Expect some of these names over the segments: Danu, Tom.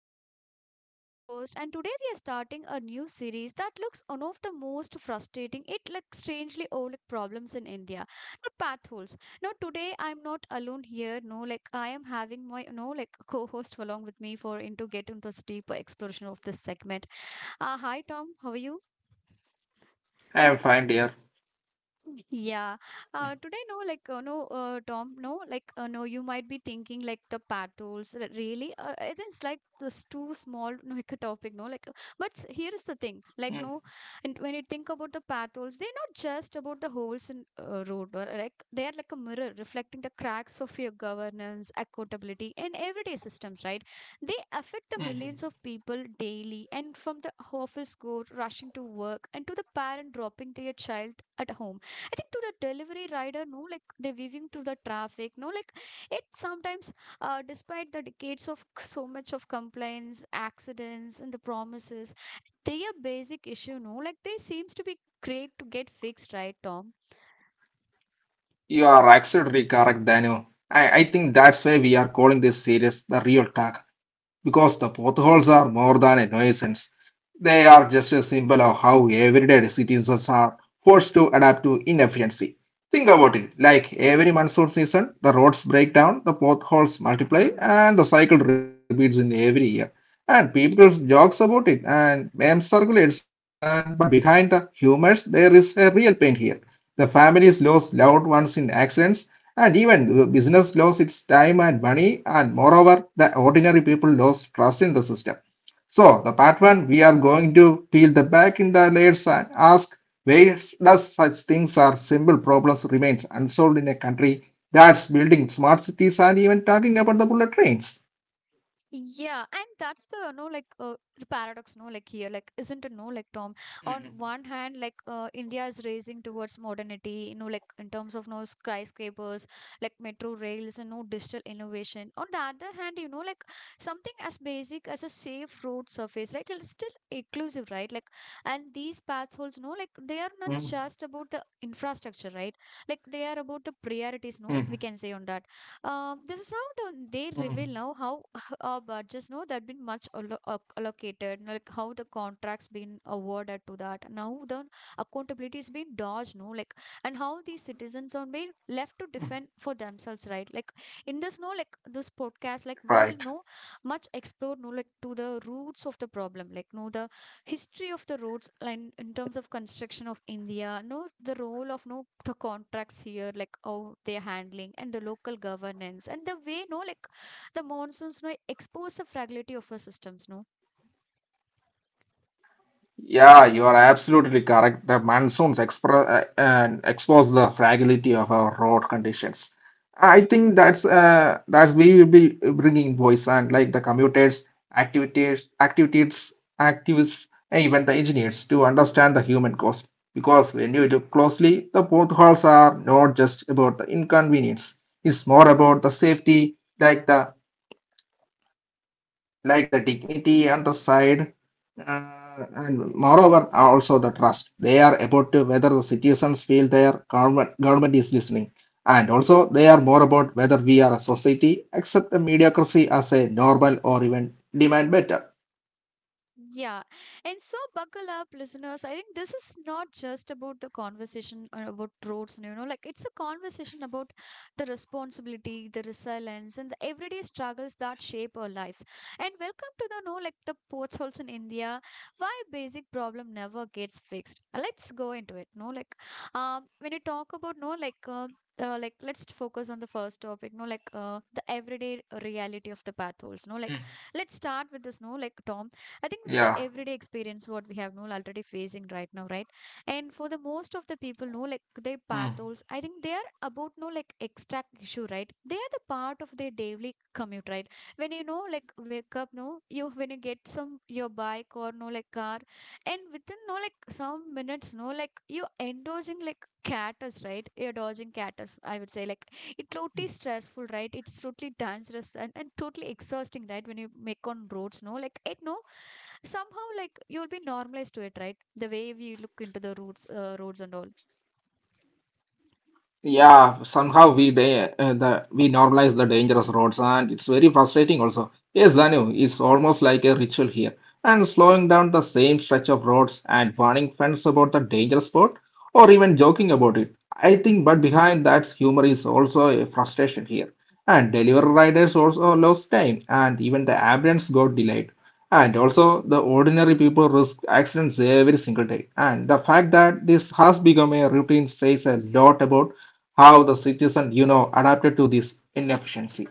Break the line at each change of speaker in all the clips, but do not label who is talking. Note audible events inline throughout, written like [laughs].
podcast. I'm Danu, your host, and today we are starting a new series that looks one of the most frustrating, it like strangely old problems in India, the path holes. Now today I'm not alone here. No, like I am having my no like co-host along with me for into get into this deeper exploration of this segment. Hi Tom, how are you?
I'm fine, dear.
Yeah. Today, no, like, Tom, no, like, no, you might be thinking like the patrols, really? It is like this too small, no, like a topic, no, like, but here is the thing, like, no, and when you
Mm,
think about the patrols, they're not just about the holes in road, or like, they are like a mirror reflecting the cracks of your governance, accountability, and everyday systems, right? They affect the millions of people daily,
mhm.
and from the office go rushing to work, and to the parent dropping their child at home. I think to the delivery rider, no, like they're weaving through the traffic, no, like it sometimes, despite the decades of so much of complaints, accidents, and the promises, they are basic issue, no, like they seems to be great to get fixed, right, Tom?
You are absolutely correct, Danu. I think that's why we are calling this series the real talk because the potholes are more than a nuisance. They are just a symbol of how everyday citizens are forced to adapt to inefficiency. Think about it like every monsoon season, the roads break down, the potholes multiply, and the cycle repeats in every year. And people jokes about it and meme circulates, and but behind the humors, there is a real pain here. The families lost loved ones in accidents, and even the business lost its time and money, and moreover, the ordinary people lost trust in the system. So, the part one, we are going to peel the back in the layers and ask where does such things are simple problems remains unsolved in a country that's building smart cities and even talking about the bullet trains.
Yeah, and that's the no like the paradox no like here like isn't it, no like Tom, on one hand like India is racing towards modernity, you know, like in terms of no skyscrapers like metro rails and no digital innovation, on the other hand you know like something as basic as a safe road surface, right? It's still inclusive, right? Like, and these paths holes, no like they are not just
Mm,
about the infrastructure, right? Like they are about the priorities, no, we can say on that.
mm,
This is how the, they reveal now how
mm,
budgets, no. Know there been much allocated, like how the contracts been awarded to that now the accountability is being dodged, no like, and how these citizens are being left to defend
mm.
for themselves, right? Like, in this no like this podcast like we will know
Right.
much explore no like to the roots of the problem, like no, the history of the roads and in terms of construction of India. No, the role of no the contracts here, like how they're handling, and the local governance, and the way no like the monsoons no expose the fragility of our systems, no.
Yeah, you are absolutely correct. The monsoons expose the fragility of our road conditions. I think that's we will be bringing voice and like the commuters, activities, activities, activists, and even the engineers to understand the human cost. Because when you look closely, the potholes are not just about the inconvenience. It's more about the safety, like the like the dignity and underside and moreover also the trust they are about to whether the citizens feel their government is listening, and also they are more about whether we are a society accept a mediocrity as a normal or even demand better.
Yeah. And so buckle up, listeners. I think this is not just about the conversation about roads, and, you know, like it's a conversation about the responsibility, the resilience, and the everyday struggles that shape our lives. And welcome to the know, like the ports holes in India, why basic problem never gets fixed. Let's go into it. No, like when you talk about no, like, like let's focus on the first topic no like the everyday reality of
Mm.
the path holes no like, let's start with this no like
Yeah.
Tom. I think with the everyday experience, what we have no already facing right now, right? And for the most of the people,
Mm.
no, like their pathos, I think they are about no like extract issue, right? They are the part of their daily commute, right? When you know, like wake up, no, you when you get some your bike or no like car, and within no like some minutes, no, like you indulging like catters, right? You're dodging catters, I would say, like it's totally stressful, right? It's totally dangerous and totally exhausting, right? When you make on roads, no, like it, no somehow like you'll be normalized to it, right? The way we look into the roots roads and all.
Yeah, somehow we normalize the dangerous roads, and it's very frustrating also. Yes, Danu, it's almost like a ritual here. And slowing down the same stretch of roads and warning friends about the dangerous spot, or even joking about it. I think, but behind that humor is also a frustration here. And delivery riders also lost time, and even the ambulance got delayed. And also, the ordinary people risk accidents every single day. And the fact that this has become a routine says a lot about how the citizen adapted to this inefficiency.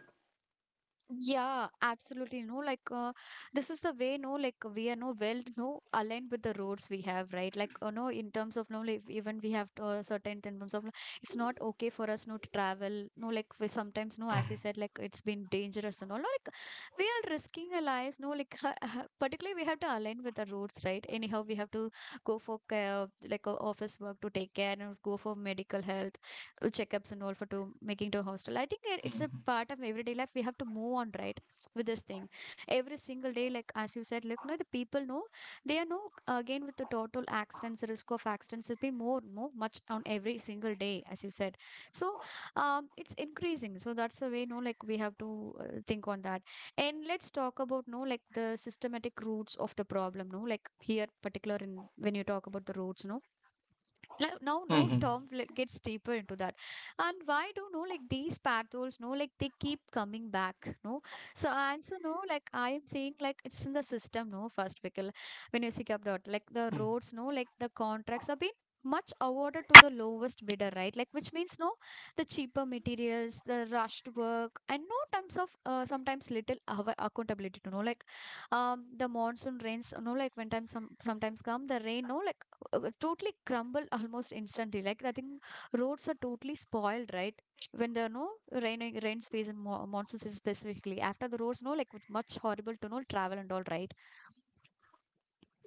Yeah, absolutely. No, like this is the way. No, like we are no well no aligned with the roads we have, right? Like no, in terms of no, like even we have certain in terms of like, it's not okay for us no to travel. No, like we sometimes no, as I said, like it's been dangerous and all. No, like we are risking our lives. No, like [laughs] particularly we have to align with the roads, right? Anyhow, we have to go for care, like office work to take care and go for medical health checkups and all for to making to a hostel. I think it's a part of everyday life we have to move on, right? [tsk] With this thing every single day, like as you said, like, you know, the people know, they are no again with the total accidents, risk of accidents will be more much on every single day, as you said. So it's increasing, so that's the way no like we have to think on that. And let's talk about no like the systematic roots of the problem, no like here particular, in when you talk about the roots, no like, now, no, Tom
Mhm.
like, gets deeper into that. And why do no like these patterns, no, like they keep coming back, no? So answer no, like I am saying like it's in the system, no, first Vikal. When you seek up dot, like the
Mhm.
roads, no, like the contracts have been much awarded to the lowest bidder, right? Like which means no, the cheaper materials, the rushed work, and no terms of sometimes little accountability to know like the monsoon rains, no, like when time some sometimes come the rain, no, like totally crumble almost instantly. Like, I think roads are totally spoiled, right? [tsk] When there are no raining rain space in monsoon season specifically. After the roads, no, like with much horrible to no travel and all, right?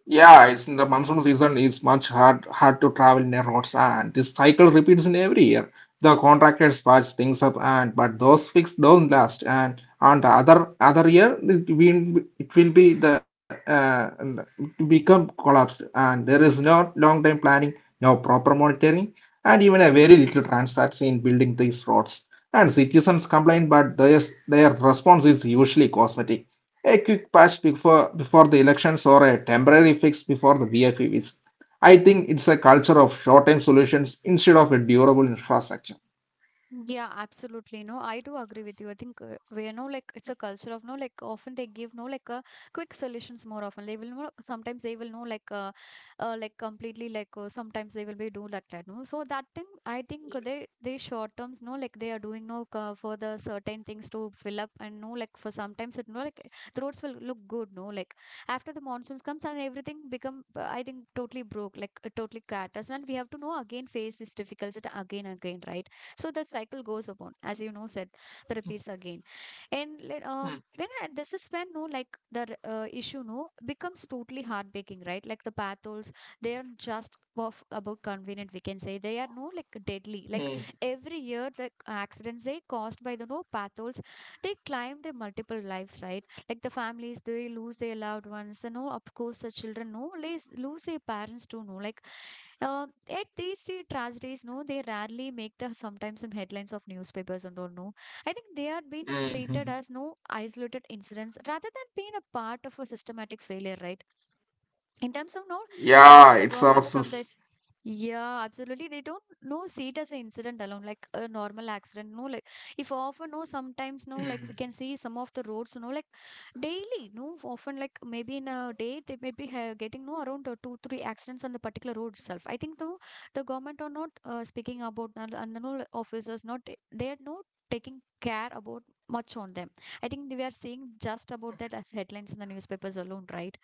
Yeah, it's in the monsoon season. It's much hard to travel near roads, and this cycle repeats in every year. The contractors patch things up, and but those fixes don't last. And on the other year, it will be the and become collapsed, and there is no long term planning, no proper monitoring, and even a very little transparency in building these roads. And citizens complain, but their response is usually cosmetic. A quick patch before the elections or a temporary fix before the VFE is. I think it's a culture of short-term solutions instead of a durable infrastructure.
Yeah, absolutely. No, I do agree with you. I think we, you know, like it's a culture of no like often they give no like quick solutions more often. They will know sometimes they will know like completely like sometimes they will be do like that. No, so that thing I think they short terms, no, like they are doing no for the certain things to fill up and no like for sometimes it no like the roads will look good. No, like after the monsoons comes and everything become I think totally broke like totally cat us and we have to know again face this difficulty again again, right? So the cycle goes upon, as you know, said, the repeats again. And then this is when no, like the issue no becomes totally heartbreaking, right? Like the pathos, they are just of about convenient. We can say they are no like deadly. Like
Mm,
every year, like accidents they caused by the no pathos, they climb the multiple lives, right? Like the families they lose their loved ones, you know, of course the children no lose their parents too, no like at these three tragedies no they rarely make the sometimes in headlines of newspapers and all, no. I think they are being treated as
mm.
no isolated incidents rather than being a part of a systematic failure, right? In terms of now, I
Yeah,
think the
it's our
government from
sys-
this. Yeah absolutely, they don't know see it as an incident alone, like a normal accident, no like, if often no sometimes no like we can see some of the roads, no like daily no often like maybe in a day they may be getting no around two three accidents on the particular road itself. I think though the government are not speaking about, and the no like, officers not, they are not taking care about much on them. I think we are seeing just about that as headlines in the newspapers alone, right?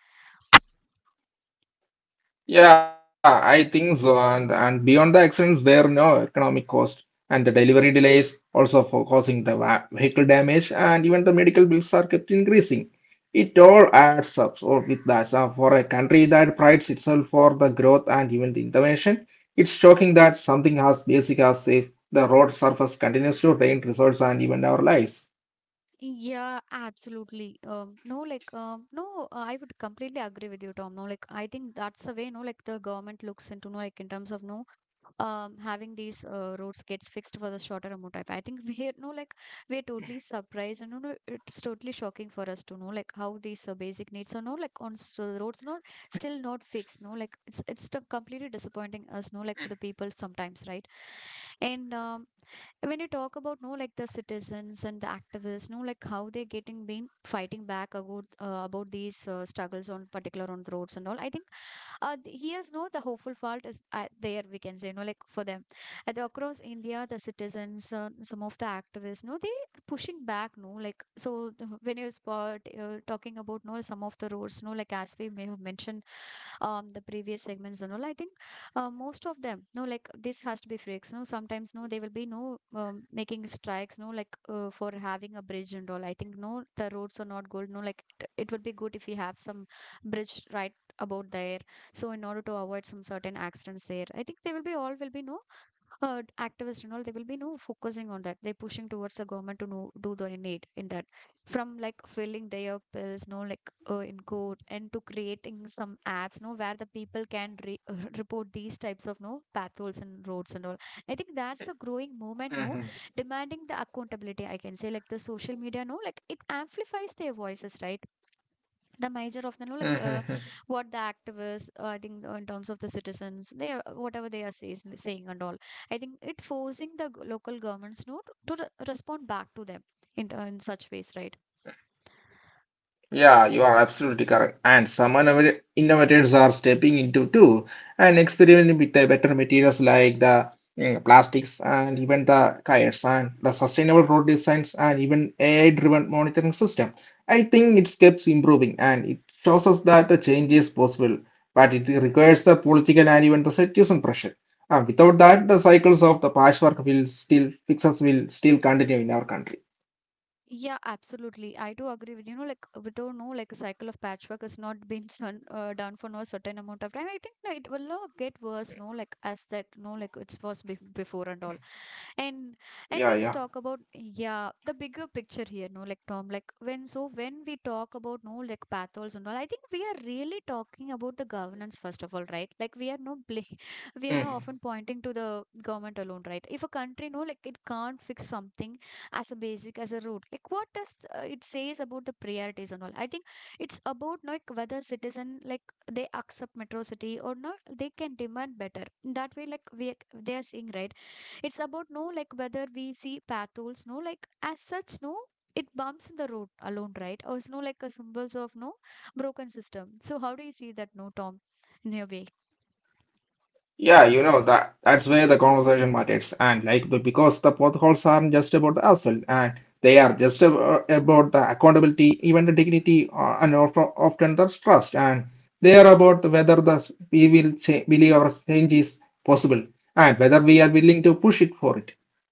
Yeah, I think so. And beyond the accidents, there are no economic cost and the delivery delays also for causing the vehicle damage and even the medical bills are kept increasing. It all adds up. So with that, so for a country that prides itself for the growth and even the innovation, it's shocking that something as basic as if the road surface continues to drain resources and even our lives.
Yeah, absolutely. No, like, no, I would completely agree with you, Tom. No, like, I think that's the way, no, like, the government looks into, no, like, in terms of, no, having these roads gets fixed for the shorter amount of time. I think [laughs] we are, no, like, we're totally surprised and, no, it's totally shocking for us to know, like, how these basic needs are, no, like, on roads, no, still not fixed, no, like, it's completely disappointing us, no, like, for the people sometimes, right? And when you talk about no like the citizens and the activists no like how they're getting been fighting back about these struggles on particular on the roads and all, I think here's no the hopeful fault is there, we can say, like for them at the, across India the citizens, some of the activists no they are pushing back no like when you spot talking about no some of the roads no like as we may have mentioned the previous segments and all, I think most of them no like this has to be fixed no sometimes no they will be no, making strikes no like for having a bridge and all, I think no the roads are not good no like it would be good if we have some bridge, right? About there. So in order to avoid some certain accidents there, I think they will be, all will be no activists and all they will be no focusing on that. They're pushing towards the government to know, do the need in that, from like filling their pills no like in court, and to creating some apps no where the people can [laughs] report these types of no potholes and roads and all. I think that's a growing
Mhm.
movement no, demanding the accountability, I can say, like the social media no like it amplifies their voices, right? The measure of the no like,
Mhm.
what the activists, I think, in terms of the citizens they are whatever they are saying and all, I think it forcing the local governments no to respond back to them in such ways, right?
Yeah, you are absolutely correct. And some innovators are stepping into too and experimenting with the better materials like the plastics and even the kayaks and the sustainable road designs and even AI-driven monitoring system. I think it keeps improving and it shows us that the change is possible, but it requires the political and even the citizen pressure. Without that, the cycles of the patchwork will still continue in our country.
Yeah, absolutely. I do agree with you know, like without no like a cycle of patchwork has not been done for no certain amount of time. I think no, it will not get worse. No, like as that no, like it was before and all. And and let's talk about,
Yeah,
yeah, the bigger picture here no like, Tom, like when we talk about no like pathos and all, I think we are really talking about the governance first of all, right? Like we are no [laughs] we are no often
yeah.
pointing to the government alone, right? If a country no like it can't fix something as a basic, as a root, like what does it says about the priorities and all, I think it's about no, like whether citizen like they accept metrocity or not, they can demand better that way like we, they are seeing, right? It's about no like whether we see paths, no like as such, no it bumps in the road alone, right? Or it's no like a symbols of no broken system. So how do you see that, no Tom, in your way?
Yeah, you know that's where the conversation matters, and like but because the potholes aren't just about the asphalt, and they are just about the accountability, even the dignity, and often the trust, and they are about whether the we will cha- believe our change is possible, and whether we are willing to push it for it.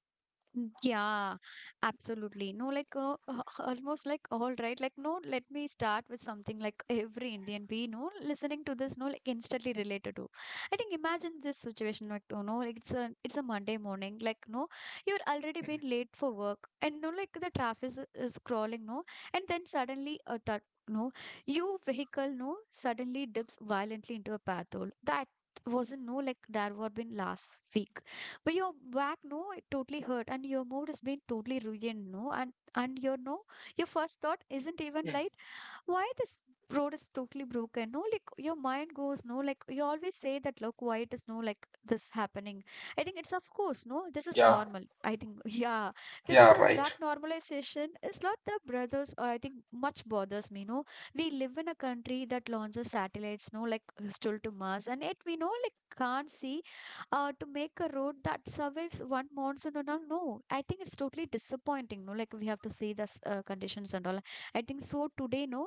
Mm, yeah, absolutely. No, like almost like, all right. Like no, let me start with something like every Indian we know listening to this, no, like instantly related to. I think, imagine this situation like you know, like it's a Monday morning. Like no, you're already been late for work, and no, like the traffic is crawling. No, and then suddenly that no, your vehicle no suddenly dips violently into a path hole. That wasn't no like there were been last week, but your back, no, it totally hurt, and your mood has been totally ruined, no, and your no, your first thought isn't even like
Mm.
why this road is totally broken no like your mind goes no like you always say that, look, why it is no like this happening. I think it's of course no this is normal,
Yeah.
I think. [laughs] Yeah, that's a,
Yeah,
that
right.
normalization is not the brothers or I think much bothers me no, we live in a country that launches satellites no like still to Mars, and yet we know like can't see to make a road that survives one monsoon and all no, I think it's totally disappointing no like we have to see the conditions and all. I think so today, no,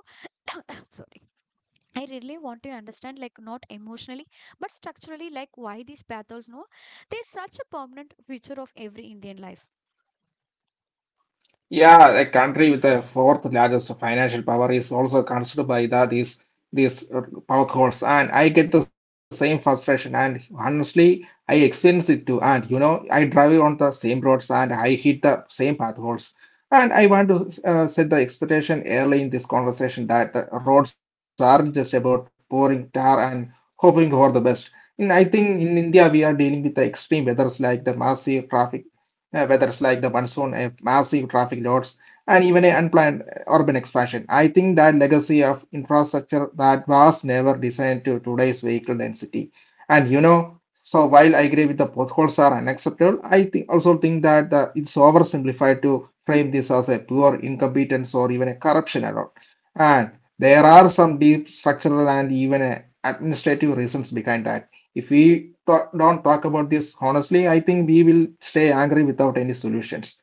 [coughs] sorry, I really want to understand, like, not emotionally but structurally, like why these pathos no they're such a permanent feature of every Indian life.
Yeah, a country with the fourth largest financial power is also considered by these power holes, and I get the same frustration. And honestly, I experience it too. And I drive on the same roads and I hit the same path holes. And I want to set the expectation early in this conversation that the roads aren't just about pouring tar and hoping for the best. And I think in India we are dealing with the extreme weathers like the massive traffic weathers like the monsoon, a massive traffic loads, and even an unplanned urban expansion. I think that legacy of infrastructure that was never designed to today's vehicle density. So while I agree with the potholes are unacceptable, I think also think that it's oversimplified to frame this as a pure incompetence or even a corruption alone. And there are some deep structural and even administrative reasons behind that. If we don't talk about this honestly, I think we will stay angry without any solutions.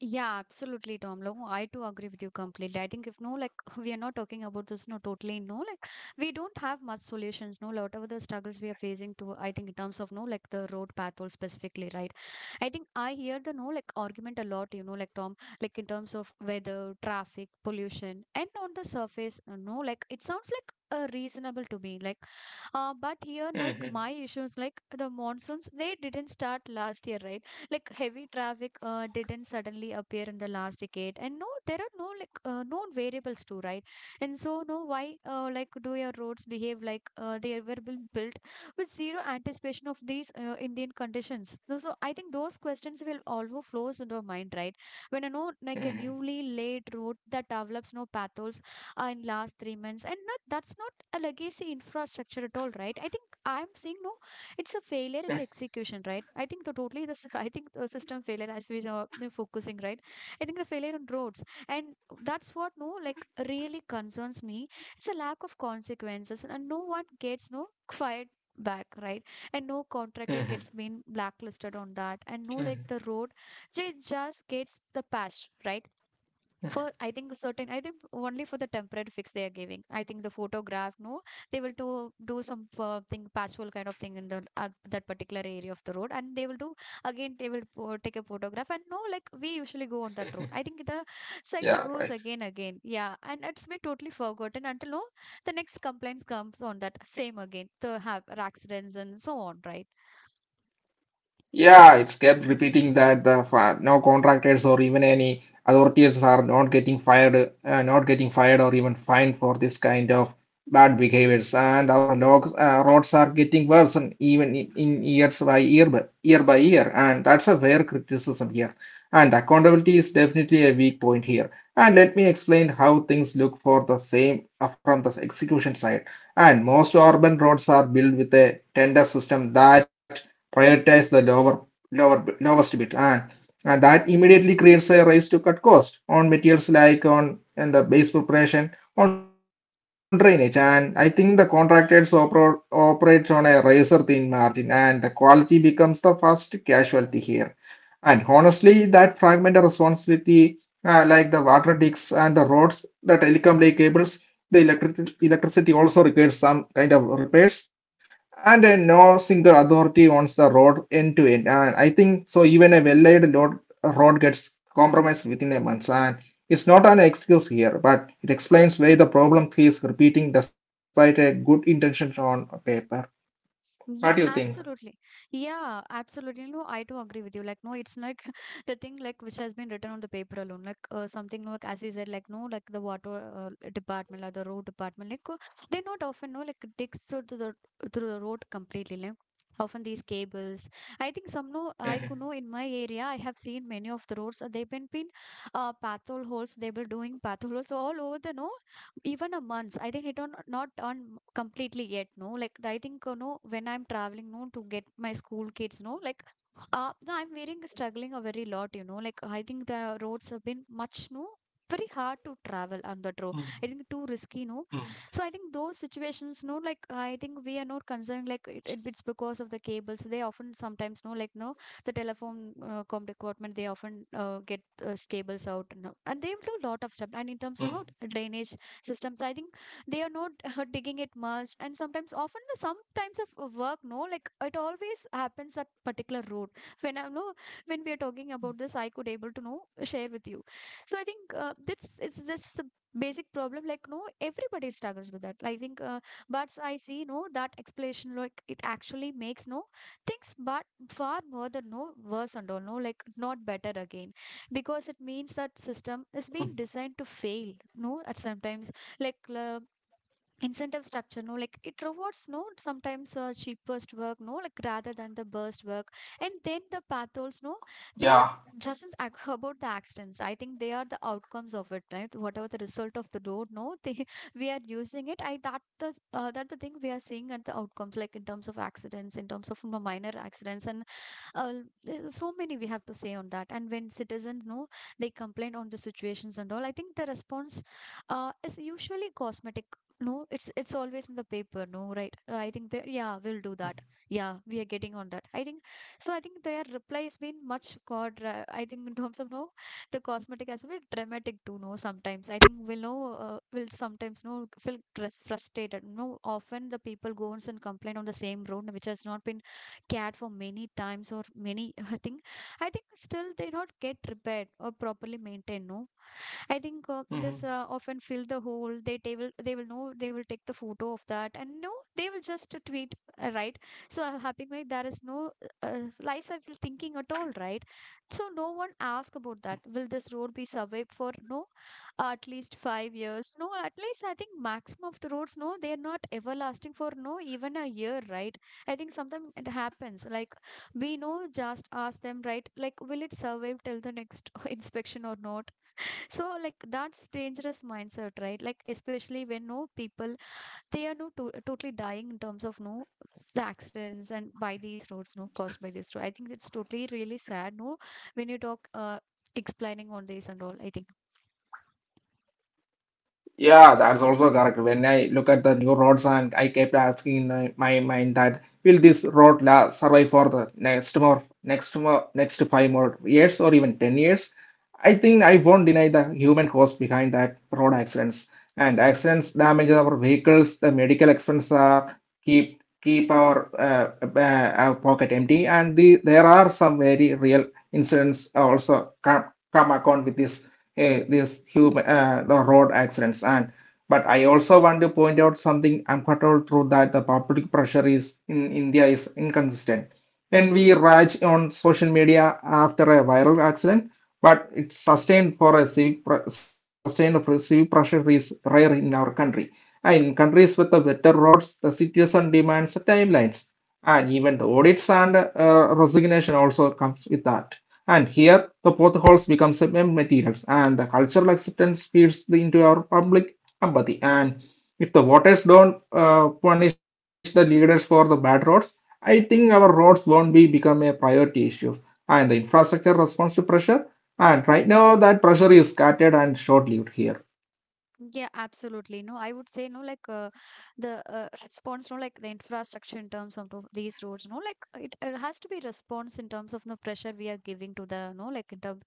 Yeah, absolutely, Tom. No, I too agree with you completely. I think if no, like [laughs] we are not talking about this, no, totally no, like we don't have much solutions, no, whatever the struggles we are facing to, I think in terms of no, like the road patrol specifically, right? I think I hear the no, like argument a lot, you know, like Tom, like in terms of weather, traffic, pollution, and on the surface, no, like it sounds like reasonable to me, like but here, like
Mhm,
my issues, like the monsoons, they didn't start last year, right? Like heavy traffic didn't suddenly appear in the last decade, and no, there are no like known variables too, right? And so, no, why like do your roads behave like they were been built with zero anticipation of these Indian conditions? No, so I think those questions will always flows into our mind, right? When I know like a
mhm,
newly laid road that develops no pathos in last 3 months, and that's not a legacy infrastructure at all, right? I think I'm saying no, it's a failure in the
mhm,
execution, right? I think the totally the [laughs] I think the system failure as we are focusing, right? I think the failure on roads, and that's what no like really concerns me. It's a lack of consequences, and no one gets no fired back, right? And no contractor
mhm,
gets been blacklisted on that, and no like
mhm.
the road, they just gets the patch, right? For I think certain, I think only for the temporary fix they are giving. I think the photograph no, they will do some thing patchwork kind of thing in the at that particular area of the road, and they will do again, they will take a photograph, and no like we usually go on that road. I think the cycle
Yeah,
goes
right.
again, yeah, and it's been totally forgotten until no the next complaints comes on that same again, the have accidents and so on, right.
Yeah, it's kept repeating that the no contractors or even any authorities are not getting fired or even fined for this kind of bad behaviors. And our roads are getting worse, and even in years by year, by, year by year. And that's a fair criticism here. And accountability is definitely a weak point here. And let me explain how things look for the same from the execution side. And most urban roads are built with a tender system that prioritize the lower lower lowest bid, and that immediately creates a race to cut cost on materials like on and the base preparation on drainage. And I think the contractors operates on a razor thin margin, and the quality becomes the first casualty here. And honestly, that fragmented responsibility, like the water digs and the roads, the telecom lay cables, the electricity also requires some kind of repairs. And no single authority owns the road end to end. And I think so. Even a well-laid road gets compromised within a month. And it's not an excuse here, but it explains why the problem keeps repeating despite a good intention on paper. What do you think?
Yeah, absolutely. Yeah, absolutely. No, I do agree with you. Like, no, it's like [laughs] the thing like which has been written on the paper alone. Like, something like as you said, like no, like the water department or the road department, like, they not often know like digs through to the through the road completely. Like often these cables. I think some no,
Mm-hmm.
I could know in my area. I have seen many of the roads. They've been pathol holes. They were doing pathol holes all over the no, even a month, I think it on not on completely yet no like I think you know when I'm traveling no to get my school kids no like no, I'm wearing struggling a very lot, you know, like, I think the roads have been much no, very hard to travel on that road, I think too
Mm.
risky no. So I
Mm,
think those situations no like I think we are not concerned like it's because of the cables they often sometimes no like no, the telephone com department they often get cables out and they will do a lot of stuff, and in terms of no,
mm.
drainage systems, I think they are not [laughs] digging it much, and sometimes often some times of work no like it always happens at particular road [laughs] when I know when we are talking about this I could able to know share with you. So I think, that's it's just the basic problem like no, everybody struggles with that, I think. But I see no that explanation like it actually makes no things but far more than no worse and all no like not better again, because it means that system is being designed to fail no at sometimes, like, incentive structure no like it rewards no sometimes cheapest work no like rather than the burst work. And then the pathos no, they're
Yeah.
just about the accidents, I think they are the outcomes of it, right? Whatever the result of the road no they [laughs] we are using it, I that the thing we are seeing at the outcomes, like in terms of accidents, in terms of, you know, minor accidents and uh, there's so many we have to say on that, and when citizens no, they complain on the situations and all, I think the response is usually cosmetic no, it's always in the paper, no, right? I think that, yeah, we'll do that. Yeah, we are getting on that. I think so. I think their reply has been much god, I think in terms of no, the cosmetic as well dramatic too. No, sometimes I think we'll sometimes no feel frustrated. No, often the people goes and complain on the same road which has not been cared for many times or many. [laughs] I think still they not get repaired or properly maintained. No, I think this often fill the hole. They will know they will take the photo of that and no they will just tweet right. So I'm happy like there is no lies I feel thinking at all, right. So no one ask about that. Will this road be survived for no at least 5 years? No, at least I think maximum of the roads, no, they are not everlasting for no even a year, right. I think sometimes it happens like we know just ask them, right, like will it survive till the next [laughs] inspection or not, so like that's dangerous mindset, right? Like especially when no people they are no totally dying in terms of no the accidents and by these roads, no, caused by this road. I think it's totally really sad, no, when you talk explaining on this and all, I think.
Yeah, that's also correct. When I look at the new roads, and I kept asking in my mind that will this road la survive for the next five more years or even 10 years? I think I won't deny the human cause behind that road accidents and accidents damages our vehicles, the medical expenses are keep keep our pocket empty, and there are some very real incidents also come account with this this human the road accidents. And but I also want to point out something uncomfortable through that the public pressure is in India is inconsistent when we rage on social media after a viral accident, but it's sustained for civic pressure is rare in our country. And in countries with the better roads, the citizen demands timelines, and even the audits and resignation also comes with that. And here, the potholes becomes a mem materials, and the cultural acceptance feeds into our public empathy. And if the voters don't punish the leaders for the bad roads, I think our roads won't be become a priority issue, and the infrastructure responds to pressure, and right now, that pressure is scattered and short lived here.
Yeah, absolutely. No, I would say no, like the response, no, like the infrastructure in terms of these roads, no, like it has to be response in terms of the pressure we are giving to the, no, like in terms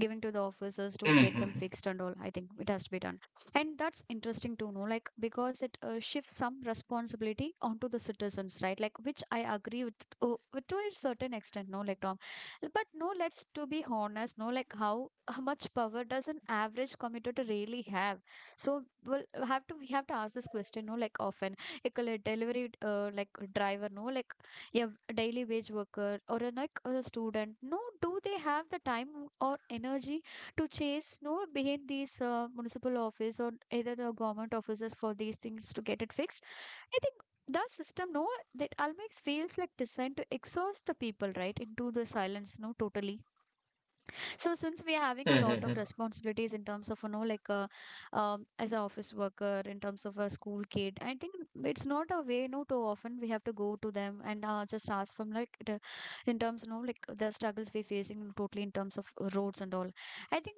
giving to the officers to get them
Mm-hmm.
fixed and all. I think it has to be done, and that's interesting to know, like because it shifts some responsibility onto the citizens, right? Like which I agree with to a certain extent, no, like Tom, but no, let's to be honest, no, like how. How much power does an average commuter really have? So we have to ask this question, no, like often. Like a delivery like driver, no, like a daily wage worker or a like a student, no, do they have the time or energy to chase no behind these municipal office or either the government offices for these things to get it fixed? I think the system, no, that always feels like designed to exhaust the people, right, into the silence, no, totally. So since we are having a lot of
Mm-hmm.
responsibilities in terms of you know like as an office worker, in terms of a school kid, I think it's not a way. No, too often we have to go to them and just ask from like the, in terms you know like the struggles we're facing totally in terms of roads and all. I think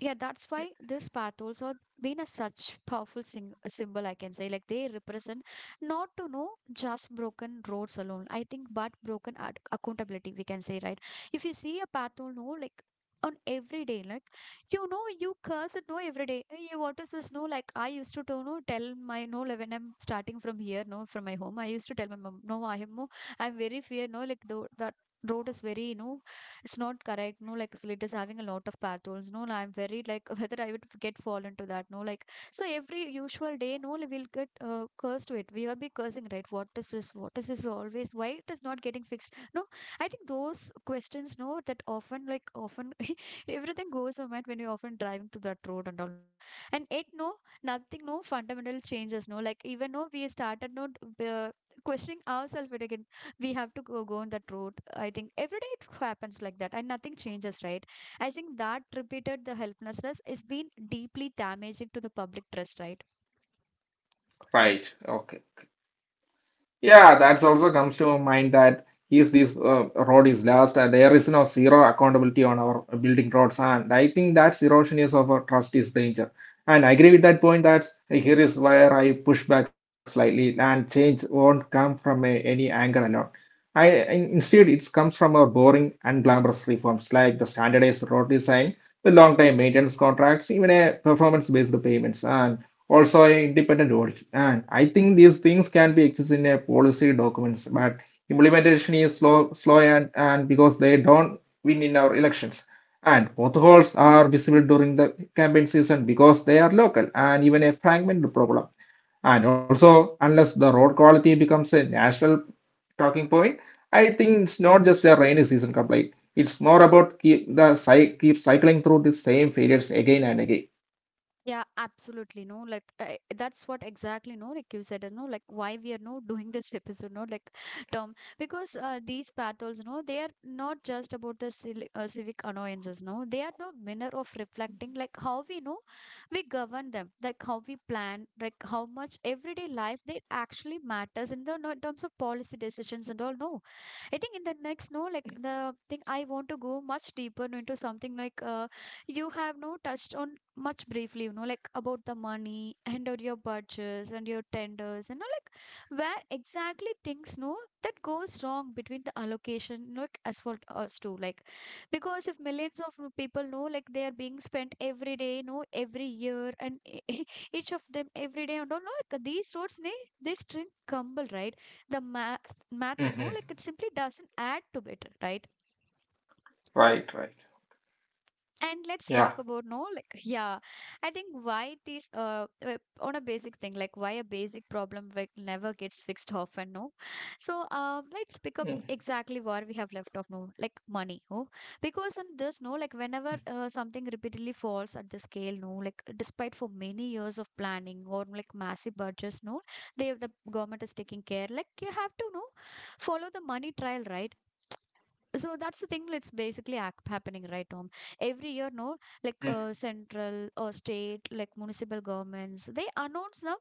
yeah, that's why this path also been a such powerful symbol. I can say like they represent not to know just broken roads alone. I think but broken accountability, we can say, right, if you see a path or no like on every day like you know you curse at no every day, hey, what is this, no, like I used to do, no, tell my no like, when I'm starting from here no from my home I used to tell my mom no I am no, I'm very fear no like the, that road is very you know it's not correct no like so it is having a lot of path holes no like, I'm very like [laughs] whether I would get fall into that no like so every usual day no like, we'll get cursed to it, we will be cursing right, what is this, what is this always, why it is not getting fixed no. I think those questions, no, that often, like, often [laughs] everything goes on mind when you're often driving to that road and all no and it no nothing no fundamental changes no like even no we started no questioning ourselves it again, we have to go on that road. I think every day it happens like that and nothing changes right. I think that repeated the helplessness is been deeply damaging to the public trust, right.
Right. Okay. Yeah, that's also comes to mind that is this road is lost and there is no zero accountability on our building roads, and I think that's erosion is of our trust is danger. And I agree with that point that here is where I push back slightly and change won't come from any anger alone. Instead, it comes from our boring and glamorous reforms like the standardized road design, the long time maintenance contracts, even a performance based payments. And also an independent audit. And I think these things can be exist in a policy documents, but implementation is slow, slow and because they don't win in our elections. And both holes are visible during the campaign season because they are local and even a fragmented problem. And also, unless the road quality becomes a national talking point, I think it's not just a rainy season complaint. It's more about keep the keep cycling through the same failures again and again.
Yeah, absolutely. No, like that's what exactly. No, like you said, no, like why we are no doing this [laughs] episode, no, like [laughs] term because these battles, no, they are not just about the civic annoyances. No, they are the manner of reflecting, like how we know we govern them, like how we plan, like how much everyday life they actually matters in the no, in terms of policy decisions and all. No, I think in the next, no, like the thing I want to go much deeper into something like you have no touched on much briefly, you know, like about the money and or your budgets and your tenders and you like where exactly things no that goes wrong between the allocation you like as for us too like because if millions of people know like they are being spent every day no every year and e- [laughs] each of them every day and all no, like these roads they string crumble, right. The math you know like
Mhm.
it simply doesn't add to it, right.
Right, right.
And let's talk
Yeah.
about no like yeah I think why it is on a basic thing like why a basic problem like never gets fixed often no. So let's
Mm,
pick up exactly where we have left off no like money oh, because in this no like whenever something repeatedly falls at the scale no like despite for many years of planning or like massive budgets no, they the government is taking care like you have to know follow the money trial, right. So that's the thing that's basically happening, right, Tom. Every year no like
mm,
central or state like municipal governments they announce the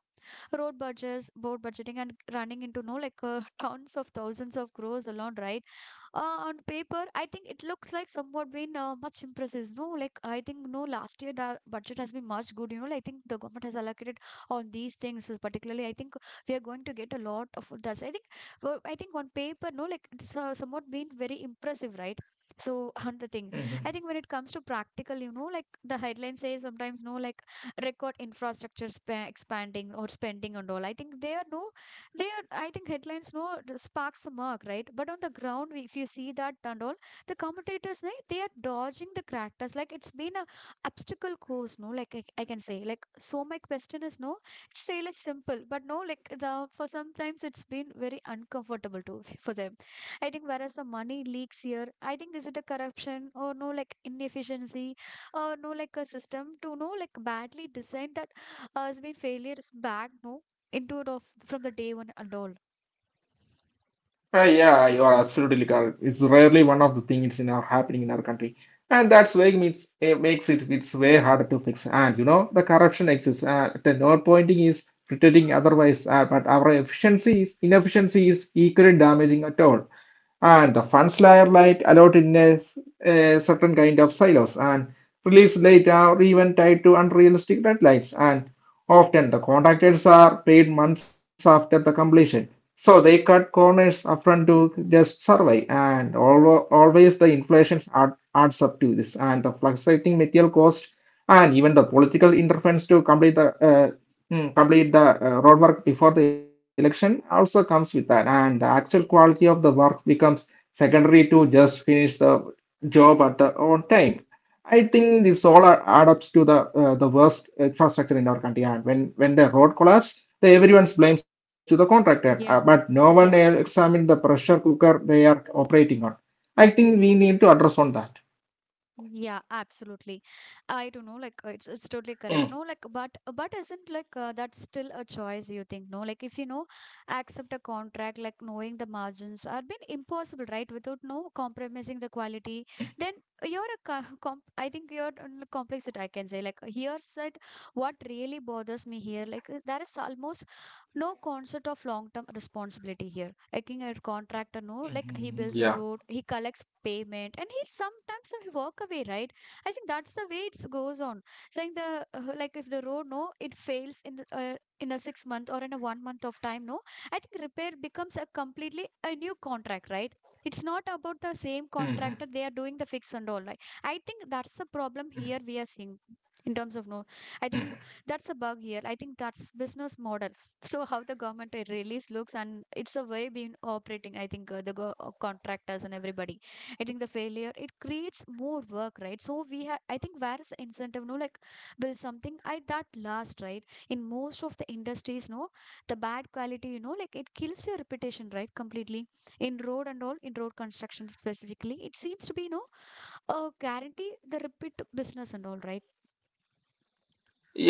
road budgets board budgeting and running into no like [laughs] tons of thousands of crores alone, right. On paper, I think it looks like somewhat been much impressive. No, like I think no last year the budget has been much good. You know, like, I think the government has allocated on these things particularly. I think we are going to get a lot of that's. I think well, I think on paper, no, like it's somewhat been very impressive, right? So [laughs] on the thing, I
mhm.
think when it comes to practical, you know, like the headline says sometimes no, like record infrastructure expanding or spending and all. I think they are no I think headlines no sparks the mark, right? But on the ground, if you see that and all, the commentators, they are dodging the characters. Like it's been a obstacle course, no? Like I can say, like so. My question is, no, it's really simple, but no, like the, for sometimes it's been very uncomfortable too [laughs] for them. I think whereas the money leaks here, I think is it a corruption or no like inefficiency or no like a system to no like badly designed that has been failures back no into it of from the day one and all.
Yeah, you are absolutely correct. It's rarely one of the things in our happening in our country, and that's why it means it makes it's way harder to fix. And you know the corruption exists. The node pointing is pretending otherwise, but our efficiency is inefficiency is equally damaging at all. And the funds layer light allowed in a certain kind of silos and release later or even tied to unrealistic deadlines. And often the contractors are paid months after the completion, so they cut corners upfront to just survive. And always the inflation adds up to this, and the fluctuating material cost, and even the political interference to complete the roadwork before the election also comes with that. And the actual quality of the work becomes secondary to just finish the job at the on time. I think this all add up to the worst infrastructure in our country. And when the road collapse, the everyone's blames to the contractor,
Yeah.
but no
Yeah.
one examined the pressure cooker they are operating on. I think we need to address on that.
Yeah, absolutely. I don't know, like it's totally correct. No,
Mm,
like but isn't like that's still a choice you think, no? Like if you know accept a contract, like knowing the margins are been impossible, right? Without no compromising the quality, then you're a co- comp I think you're on the complex that I can say. Like here's that what really bothers me here, like there is almost no concept of long term responsibility here. Like in a contractor, no, like he
mm,
builds
yeah.
a road, he collects payment, and he sometimes he walk away, right? I think that's the way it goes on. Saying the like if the road no, it fails in the, in a 6 month or in a one month of time, no, I think repair becomes a completely a new contract, right? It's not about the same
Mm,
contractor
mm,
they are doing the fix and all. Like I think that's the problem here
mm,
we are seeing in terms of no. I think
mm.
that's a bug here. I think that's business model, so how the government release looks and it's a way being operating. I think contractors and everybody, I think the failure it creates more work right, so we have I think where is the incentive no like build something at that last, right. In most of the industries no, the bad quality you know like it kills your reputation, right, completely. In road and all, in road construction specifically it seems to be no a guarantee the repeat business and all,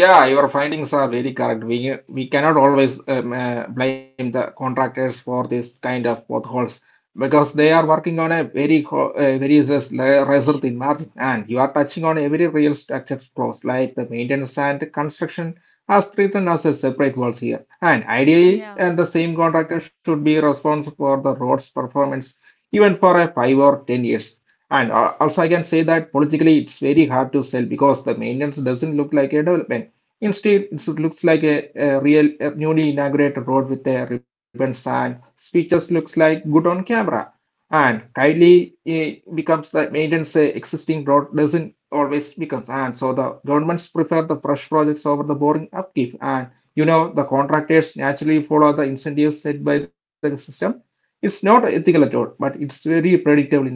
Yeah, your findings are very correct. We cannot always blame the contractors for this kind of potholes because they are working on a very razor thin margin, and you are touching on every real structure clause like the maintenance and construction as treated as a separate walls here. And ideally,
right.
and the same contractor should be responsible for the road's performance even for a 5 or 10 years. And also, I can say that politically it's very hard to sell because the maintenance doesn't look like a development. Instead, it looks like a newly inaugurated road with a ribbons and speeches looks like good on camera. And kindly becomes the maintenance existing road doesn't always becomes. And so the governments prefer the fresh projects over the boring upkeep. And you know the contractors naturally follow the incentives set by the system. It's not ethical at all, but it's very predictable in our way.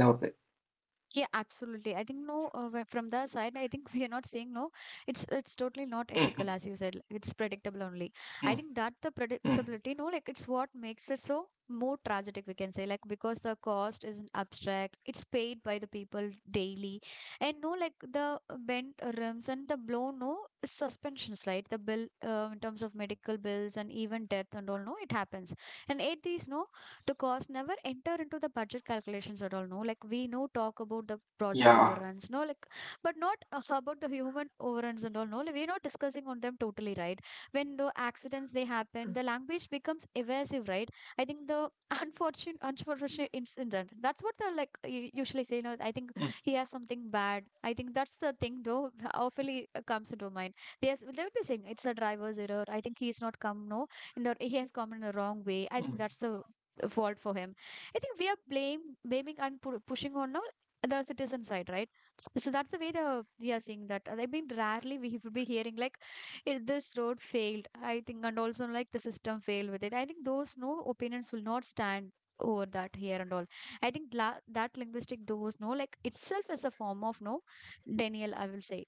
Yeah, absolutely. I think no, wh- From the side, I think [laughs] we are not saying no. It's totally not ethical, as you said. Like, it's predictable only.
Mm,
I think that the
mm,
predictability, no, like it's what makes it so more tragic, we can say, like because the cost isn't abstract. It's paid by the people daily, and no, like the bent rims and the blown no suspensions, right? The bill in terms of medical bills and even death and all, no, it happens. And at these, no, the cost never enter into the budget calculations at all. No, like we know talk
yeah.
about the project overruns, but not [laughs] about the human overruns and all. No, like, we're not discussing on them totally, right? When the accidents they happen, the language becomes evasive, right? I think the [laughs] unfortunate incident. That's what the like usually
Mm,
say. You know, I think he has something bad. I think that's the thing though. Awfully comes into mind. They would be saying it's a driver's error. I think he's not come. No, in the he has come in the wrong way.
mm.
I think that's the fault for him. I think we are blame blaming and pushing on now the citizen side, right? So that's the way the we are seeing that. I mean, rarely we would be hearing like, "It- this road failed. I think, and also like the system failed with it." I think those no opinions will not stand over that here and all. I think that linguistic those no like itself is a form of no denial, I will say.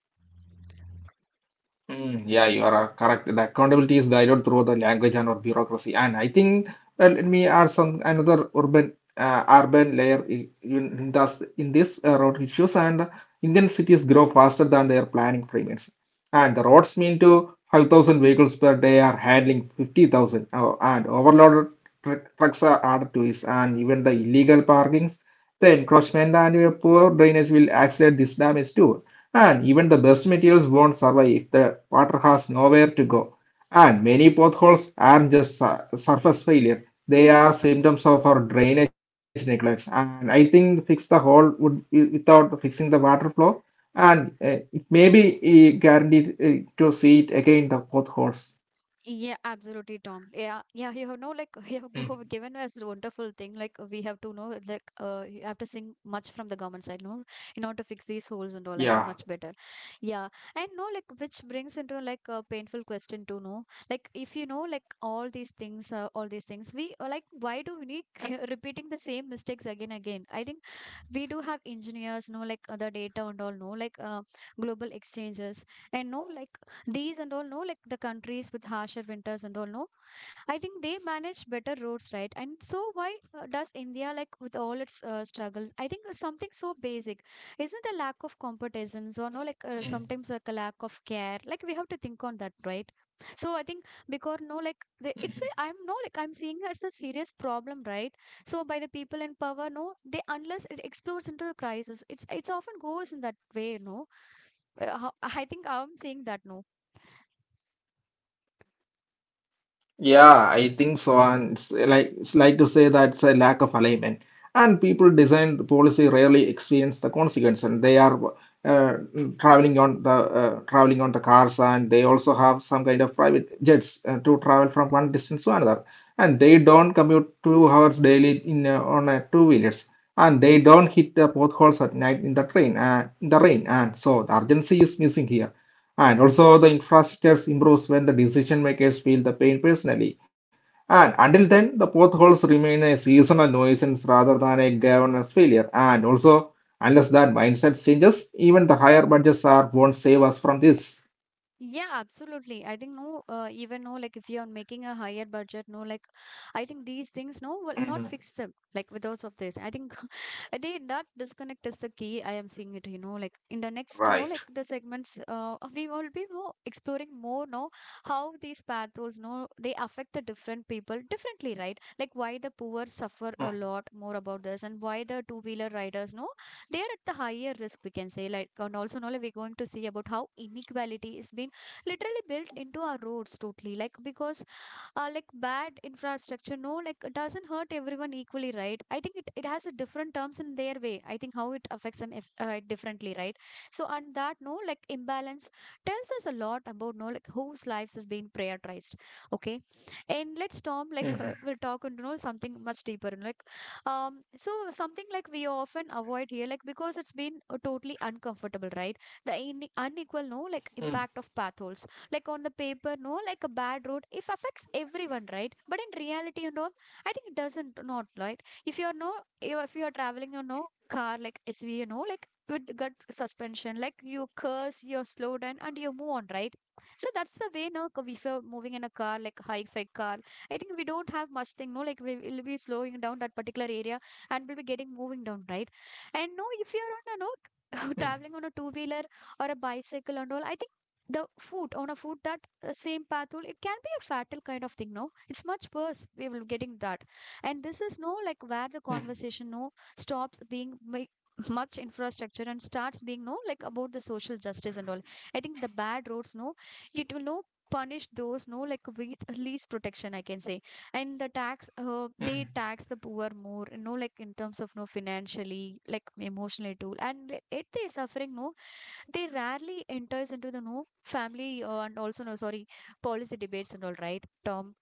Mm, yeah, you are correct. The accountability is diluted through the language and or bureaucracy. And I think let me add some another urban urban layer in this road issues. And Indian cities grow faster than their planning frameworks, and the roads mean to 5,000 vehicles per day are handling 50,000 and overloaded tr trucks are added to this. And even the illegal parkings, the encroachment and your poor drainage will accelerate this damage too. And even the best materials won't survive if the water has nowhere to go. And many potholes aren't just surface failure, they are symptoms of our drainage neglect. And I think fix the hole would without fixing the water flow. And it may be guaranteed to see it again the potholes.
Yeah, absolutely, Tom. Yeah, yeah, you know, like [laughs] you have given
Mm,
us a wonderful thing. Like we have to know, like you have to sing much from the government side, no, in order to fix these holes and all. I think much better.
yeah.
Yeah, and no, like which brings into like a painful question to know, like if you know, like all these things, we like why do we need [laughs] repeating the same mistakes again? I think we do have engineers know like other data and all know like global exchanges and know like these and all know like the countries with harsher winters and all know I think they manage better roads, right? And so why does India, like with all its struggles, I think it's something so basic isn't a lack of competence or no, like sometimes like a lack of care. Like we have to think on that, right? So I think because no, like the, it's why I'm no, like I'm seeing it's a serious problem, right? So by the people in power no they unless it explodes into a crisis it's often goes in that way no. I think I'm saying that no.
Yeah, I think so. And it's like it's like to say that's a lack of alignment. And people design the policy rarely experience the consequence, and they are uh, traveling on the cars, and they also have some kind of private jets to travel from one distance to another. And they don't commute 2 hours daily in on a two wheelers, and they don't hit the potholes at night in the train in the rain. And so the urgency is missing here and also, the infrastructure improves when the decision makers feel the pain personally. And until then, the potholes remain a seasonal nuisance rather than a governance failure. And also, unless that mindset changes, even the higher budgets are won't save us from this.
Yeah, absolutely. I think no, even no, like if you're making a higher budget, no, like I think these things no will not
Mm,
fix them. Like with those of this, I think [laughs] I think that disconnect is the key. I am seeing it, you know, like in the next,
right.
no, like the segments, [laughs] we will be no exploring more, no, how these path roles, no, they affect the different people differently, right? Like why the poor suffer a
Mm,
lot more about this, and why the two-wheeler riders, no, they are at the higher risk. We can say like, and also no, like we're going to see about how inequality is being literally built into our roads totally like because like bad infrastructure no like it doesn't hurt everyone equally, right? I think it has a different terms in their way. I think how it affects them if, differently, right? So on that no like imbalance tells us a lot about no like whose lives is being prioritized. Okay, and let's Tom
mhm,
like we'll talk into you know something much deeper like, um, so something like we often avoid here like because it's been totally uncomfortable, right? The unequal no like
mm,
impact of path holes, like on the paper no like a bad road it affects everyone, right? But in reality you know I think it doesn't not, right? If you're no if you're traveling you know car like SV you know like with gut suspension like you curse you're slow down and you move on, right? So that's the way now if you're moving in a car like high fi car I think we don't have much thing no like we will be slowing down that particular area and we'll be getting moving down, right? And no if you're on a
mm,
no [laughs] traveling on a two wheeler or a bicycle and all I think the food on a food that same path will it can be a fatal kind of thing no it's much worse we will getting that. And this is no like where the
mm,
conversation no stops being [laughs] much infrastructure and starts being no like about the social justice and all. I think the bad roads no it will no punish those no like with least protection I can say. And the tax they
mm.
tax the poor more, you know, like in terms of no financially like emotionally too, and it they suffering no they rarely enters into the no family and also no sorry policy debates and all, right Tom?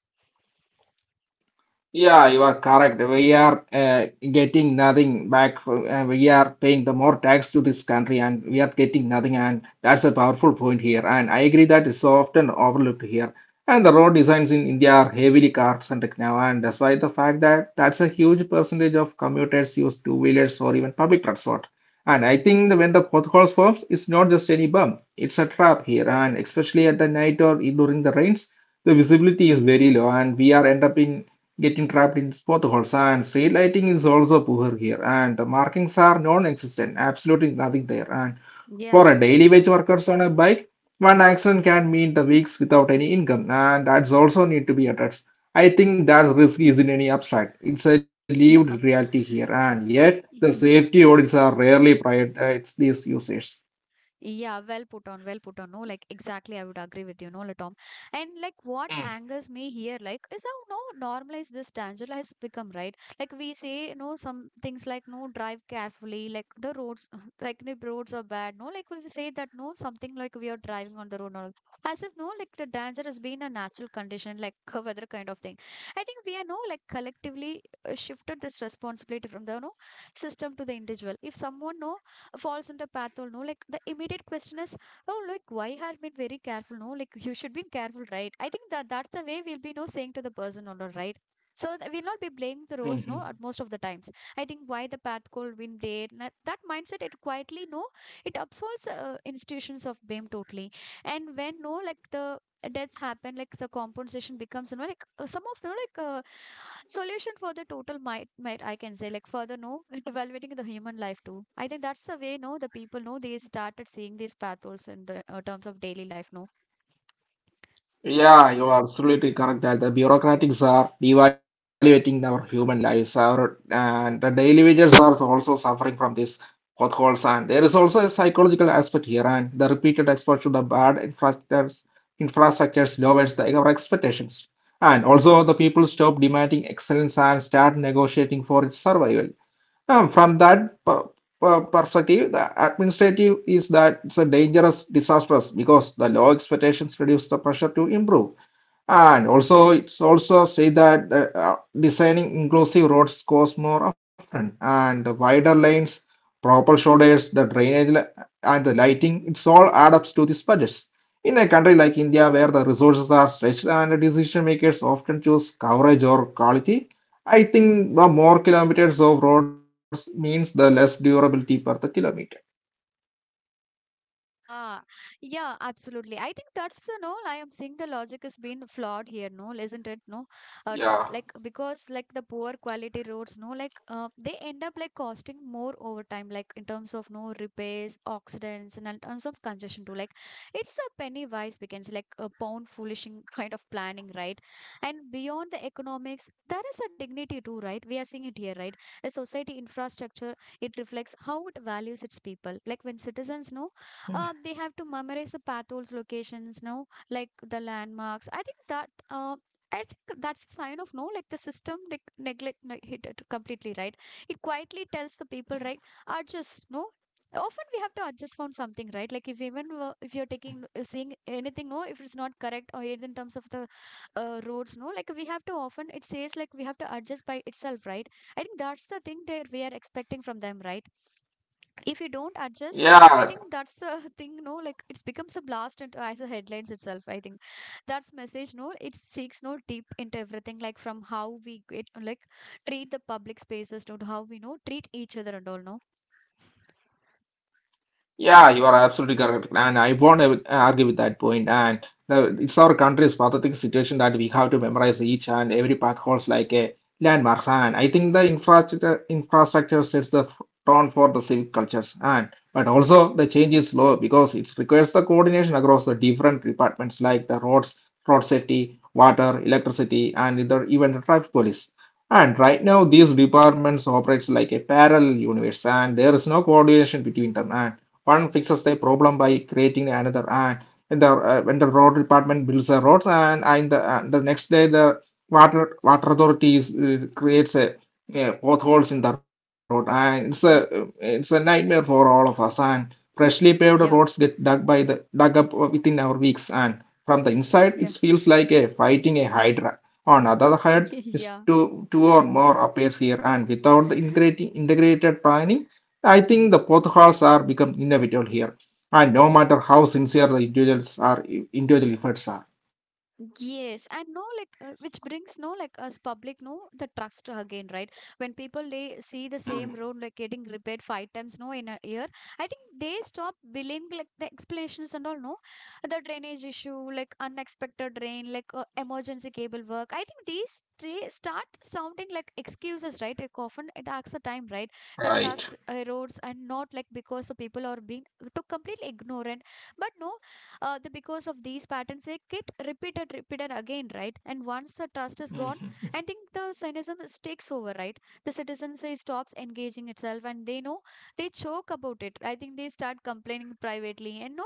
Yeah, you are correct. We are getting nothing we are paying the more tax to this country and we are getting nothing and that's a powerful point here and I agree that is so often overlooked here. And the road designs in India are heavily car centric now and that's why the fact that that's a huge percentage of commuters use two wheelers or even public transport. And I think that when the potholes forms, it's not just any bump, it's a trap here and especially at the night or during the rains, the visibility is very low and we are end up in getting trapped in both holes. And street lighting is also poor here, and the markings are non-existent, absolutely nothing there. And for a daily wage workers on a bike, one accident can mean the weeks without any income, and that's also need to be addressed. I think that risk isn't any abstract; it's a
Yeah.
lived reality here, and yet the
Mhm.
safety audits are rarely prioritized these users.
Yeah, well put on, well put on. No, like exactly, I would agree with you, no, like, Tom. And like what
Mm,
angers me here, like, is how no normalized this danger has become, right? Like we say, no, some things like no drive carefully, like the roads, [laughs] like the roads are bad, no, like we say that no something like we are driving on the road, no, as if no, like the danger has been a natural condition, like [laughs] a weather kind of thing. I think we are no like collectively shifted this responsibility from the no system to the individual. If someone no falls into path or no like the immediate question is, oh like why had been very careful no like you should be careful, right? I think that that's the way we'll be no saying to the person or not, right? So we'll not be blaming the roads no
mhm.
at most of the times. I think why the path could been there that mindset it quietly no it absolves institutions of blame totally. And when no like the deaths happen like the compensation becomes, you know, like some of the like solution for the total might I can say like further no it evaluating the human life too. I think that's the way no the people know they started seeing these paths also in the terms of daily life no.
Yeah, you are absolutely correct that the bureaucratics are devaluating our human lives. Our and the daily wagers are also suffering from these potholes, and there is also a psychological aspect here. And the repeated exposure to the bad infrastructures, lowers the, our expectations, and also the people stop demanding excellence and start negotiating for its survival. From that perspective, the administrative is that it's a dangerous, disastrous because the low expectations reduce the pressure to improve. And also, it's also say that designing inclusive roads costs more upfront and the wider lanes, proper shoulders, the drainage and the lighting, it's all add up to these budgets. In a country like India, where the resources are stretched and decision makers often choose coverage or quality, I think the more kilometers of roads means the less durability per the kilometer.
Yeah, yeah, absolutely. I think that's the no. I am seeing the logic is being flawed here, no, isn't it? No,
Yeah,
Tom, like because like the poor quality roads, no, like they end up like costing more over time, like in terms of no repairs, accidents, and in terms of congestion too. Like it's a penny wise begins, like a pound foolishing [laughs] kind of planning, right? And beyond the economics, there is a dignity too, right? We are seeing it here, right? A society infrastructure, it reflects how it values its people. Like when citizens know, um, they have to memorize the paths, locations no, like the landmarks. I think that, um, I think that's a sign of no, like the system neglect hit it completely, right? It quietly tells the people, right, adjust, no. Often we have to adjust from something, right? Like if even if you're taking seeing anything, no, if it's not correct or in terms of the roads, no, like we have to often it says like we have to adjust by itself, right? I think that's the thing that we are expecting from them, right? If you don't adjust I
yeah,
think that's the [laughs] thing no like it's becomes a blast into as a headlines itself. I think that's message no it seeks no deep into everything like from how we get, like treat the public spaces no, to how we know treat each other and all no.
yeah, you are absolutely correct, and I won't argue with that point. And the, it's our country's pathetic situation that we have to memorize each and every path holds like a landmark. And I think the infrastructure sets the tone for the civic cultures. And but also the change is slow because it requires the coordination across the different departments like the roads, road safety, water, electricity, and the, even the traffic police. And right now, these departments operates like a parallel universe, and there is no coordination between them. And one fixes the problem by creating another, and when the road department builds a road, and the next day the water authorities creates a potholes in the road, and
Yeah,
it's a nightmare for all of us. And freshly paved roads get
yeah,
dug by the dug up within our weeks, and from the inside, it
yeah,
feels like a fighting a hydra. On the other hand,
[laughs] yeah.
is two or more appears here and without the integrating integrated planning I think the potholes are become inevitable here and no matter how sincere the individual efforts are.
Yes, and no, like which brings no, like us public, no, the trust again, right? When people they see the same road like
Mm.
getting repaired five times, no, in a year, I think they stop believing like the explanations and all, no, the drainage issue, like unexpected rain, like emergency cable work. I think these three start sounding like excuses, right? Like often it asks a time, right? The trust
Right.
erodes, and not like because the people are being too completely ignorant, but no the, because of these patterns they get repeated again, right? And once the trust is gone, I think the cynicism takes over, right? The citizen say stops engaging itself, and they know they choke about it. I think they start complaining privately and no,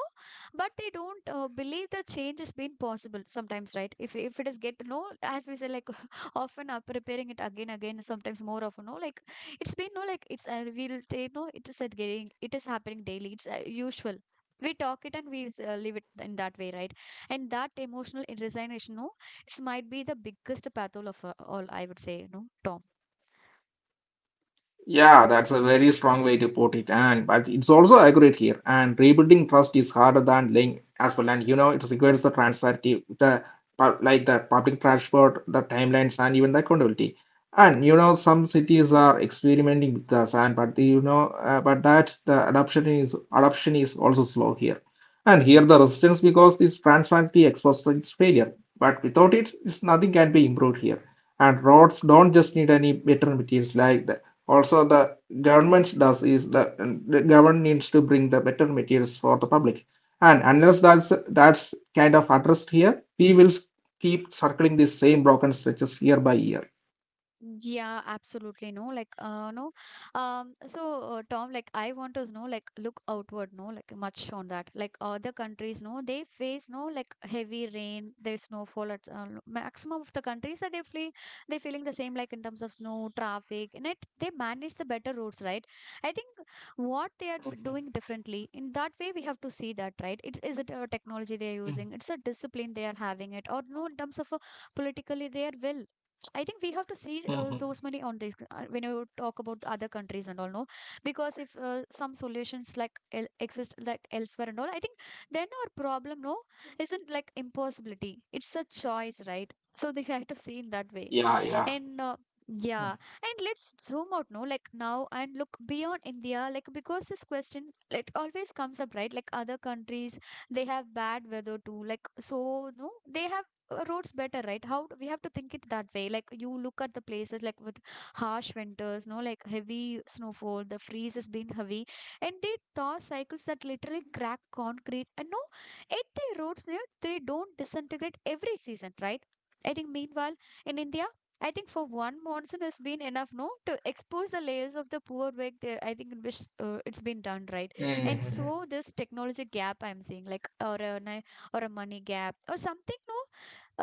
but they don't believe the change has been possible sometimes, right? If it is get no, as we say, like [laughs] often up repairing it again again sometimes more often, no like it's been no like it's we'll take no, it is getting, it is happening daily, it's usual. We talk it, and we live it in that way, right? And that emotional resignation, no, it might be the biggest battle of all, I would say, you know, Tom.
Yeah, that's a very strong way to put it, and but it's also accurate here. And rebuilding trust is harder than laying as well, and you know it requires the transparency, the like the public transport, the timelines, and even the accountability. And you know some cities are experimenting with this, and but the, you know but that the adoption is also slow here. And here the resistance because this transparency exposes its failure, but without it, it's nothing can be improved here and roads don't just need any better materials like the also the government does is the government needs to bring the better materials for the public and unless that's kind of addressed here we will keep circling the same broken stretches year by year.
Yeah, absolutely. No, like, no. So, Tom, like, I want to know, like, look outward, no, like, much on that. Like, other countries, no, they face, no, like, heavy rain, there's snowfall at no, maximum of the countries that they flee, they feeling the same, like, in terms of snow, traffic, and it, they manage the better roads, right? I think what they are
Mhm.
doing differently, in that way, we have to see that, right? It's, is it a technology they're using?
Mhm.
It's a discipline they are having it, or no, in terms of a politically, they are well. I think we have to see those
Mhm.
money on this when you talk about the other countries and all, no? Because if some solutions like el exist like elsewhere and all, I think then our problem, no, isn't like impossibility. It's a choice, right? So they have to see in that way
Yeah, yeah.
and yeah. And let's zoom out, no, like now, and look beyond India, like because this question, it always comes up, right? Like other countries, they have bad weather too, like so no they have roads better, right? We have to think it that way, like you look at the places like with harsh winters, no, like heavy snowfall, the freeze has been heavy, and they thaw cycles that literally crack concrete, and no, 80 roads there, they don't disintegrate every season, right? I think, meanwhile, in India, I think for one monsoon has been enough, no, to expose the layers of the poor work. There, I think in which it's been done right,
Mhm.
and so this technology gap I'm seeing, like or or a money gap or something, no,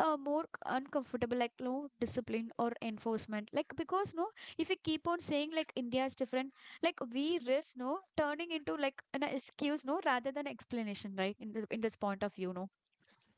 more uncomfortable, like no discipline or enforcement, like because no, if we keep on saying like India is different, like we risk no turning into like an excuse, no, rather than explanation, right? In this point of view,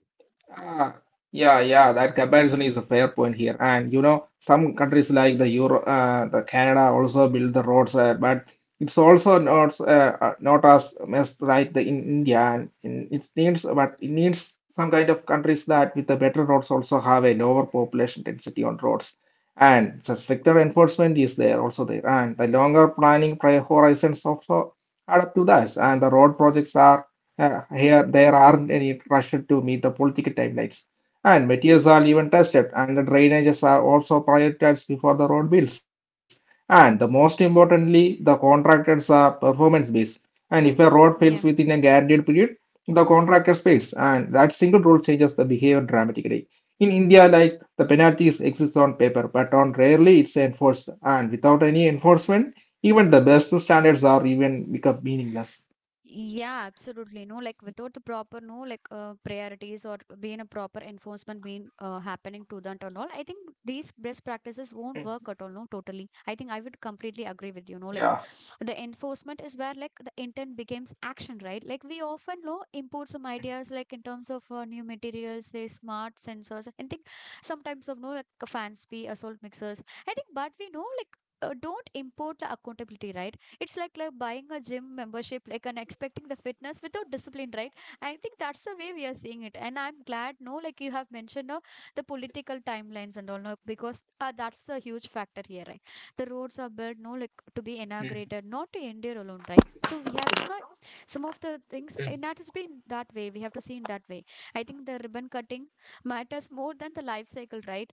Ah, yeah, yeah, that comparison is a fair point here. And you know, some countries like the the Canada also build the roads there, but it's also not not as messed right the, in India, and in, it needs, but it needs some kind of countries that with the better roads also have a lower population density on roads, and the stricter enforcement is there also there, and the longer planning horizons also add up to that, and the road projects are here, there aren't any rush to meet the political timelines. And materials are even tested, and the drainages are also prioritized before the road builds. And the most importantly, the contractors are performance based. And if a road fails within a
no.
guaranteed period, the contractor pays, and that single rule changes the behavior dramatically. In India, like the penalties exist on paper, but on rarely it's enforced, and without any enforcement, even the best standards are even become meaningless.
Yeah, absolutely. No, like without the proper no like priorities or being a proper enforcement being happening to that and all, I think these best practices won't work at all. No, totally. I think I would completely agree with you. No, like
Yeah.
the enforcement is where like the intent becomes action, right? Like we often no import some ideas like in terms of new materials, they smart sensors, and think sometimes of no like fancy assault mixers. I think, but we know like. Don't import the accountability, right? It's like buying a gym membership, like and expecting the fitness without discipline, right? I think that's the way we are seeing it, and I'm glad. No, like you have mentioned, no, the political timelines and all, no, because that's the huge factor here, right? The roads are built, no, like
Mm.
to be inaugurated, not to endure alone, right? So we have to not some of the things, and that has been that way. We have to see in that way. I think the ribbon cutting matters more than the life cycle, right?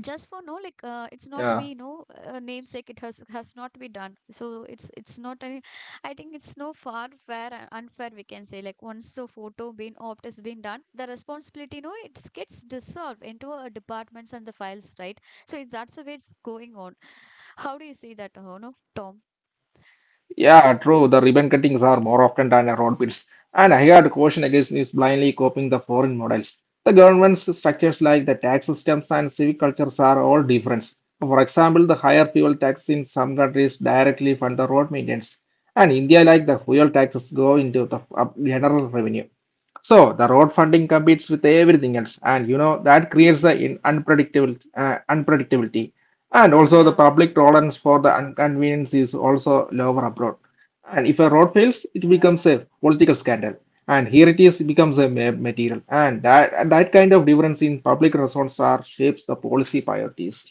Just for no like
Yeah,
it's not to be no namesake, it has not to be done, so it's not any. I think it's no far fair and unfair, we can say, like once the photo being opt has been done, the responsibility, it gets dissolved into a departments and the files, right? So that's the way it's going on. How do you see that no, Tom?
yeah, true. The ribbon cuttings are more often done at road pits, and I had caution against is blindly copying the foreign models. The government's structures like the tax systems and civic cultures are all different. For example, the higher fuel tax in some countries directly fund the road maintenance, and India, like the fuel taxes, go into the general revenue. So the road funding competes with everything else, and you know that creates the in unpredictable unpredictability, and also the
Yeah.
public tolerance for the inconvenience is also lower abroad. And if a road fails, it becomes a political scandal, and here it is becomes a material, and that kind of difference in public response are shapes the policy priorities.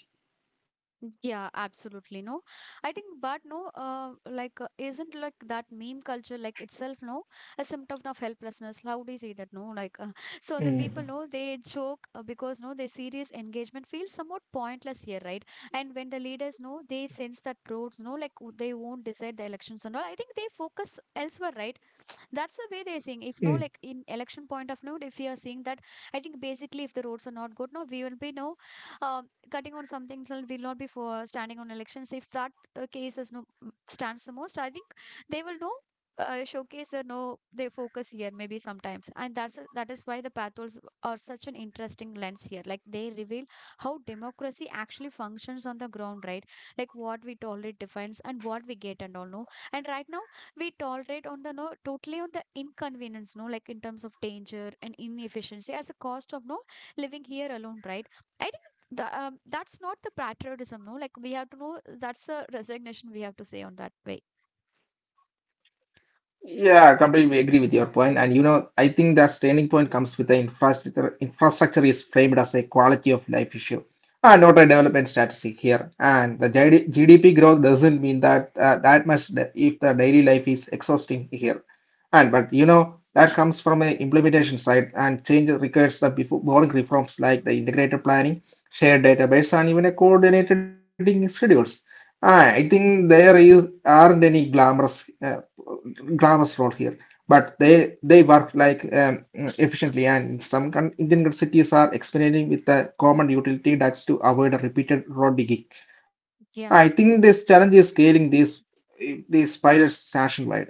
Yeah, absolutely. No, I think, but no, like, isn't like that meme culture like itself, no, a symptom of helplessness? How do you say that? No, like, [laughs] so the people
Mm.
know they joke because no, their serious engagement feels somewhat pointless here, right? And when the leaders know they sense that roads, no, like they won't decide the elections and all, I think they focus elsewhere, right? That's the way they're seeing if no like in election point of view, if we are seeing that, I think basically if the roads are not good, no, we will be no cutting on some things, and will not be for standing on elections if that case is no stands the most. I think they will know showcase the no. They focus here maybe sometimes, and that is why the pathos are such an interesting lens here, like they reveal how democracy actually functions on the ground, right? Like what we tolerate defines and what we get and all, no. And right now, we tolerate on the no totally on the inconvenience, no, like in terms of danger and inefficiency as a cost of no living here alone, right? I think that's not the patriotism, no, like we have to know that's the resignation, we have to say on that way,
Yeah, I completely agree with your point. And you know, I think that turning point comes with the infrastructure. Infrastructure is framed as a quality of life issue, and not a development strategy here. And the GD GDP growth doesn't mean that that much if the daily life is exhausting here. And but you know, that comes from a implementation side, and change requires the boring reforms like the integrated planning, shared database, and even a coordinated schedules. Ah, I think there is aren't any glamorous role here. But they work like efficiently, and some Indian grid cities are experimenting with the common utility ducts to avoid a repeated road digging.
yeah.
I think this challenge is scaling these pilots nationwide.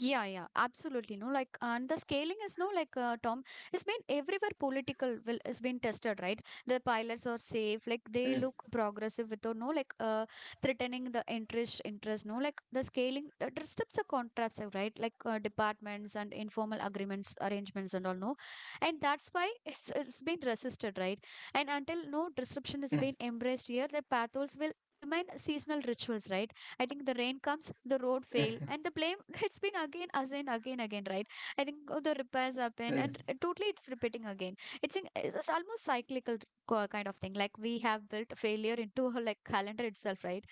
Yeah, yeah, absolutely. No, like, and the scaling is no, like Tom, it's been everywhere political will is been tested, right? The pilots are safe, like they look
Mm,
progressive without no, like threatening the interest, no, like the scaling that restricts the contracts, right? Like departments and informal agreements, arrangements, and all, no, and that's why [laughs] it's been resisted, right? And until no disruption is
mm,
being embraced here, the pathos will remain seasonal rituals, right? I think the rain comes, the road
mm,
fail, and the blame [laughs] it's been again, again, again, again, right? I think the repairs happen,
mm.
and totally it's repeating again. It's in, it's it's almost cyclical kind of thing. Like we have built failure into like calendar itself, right?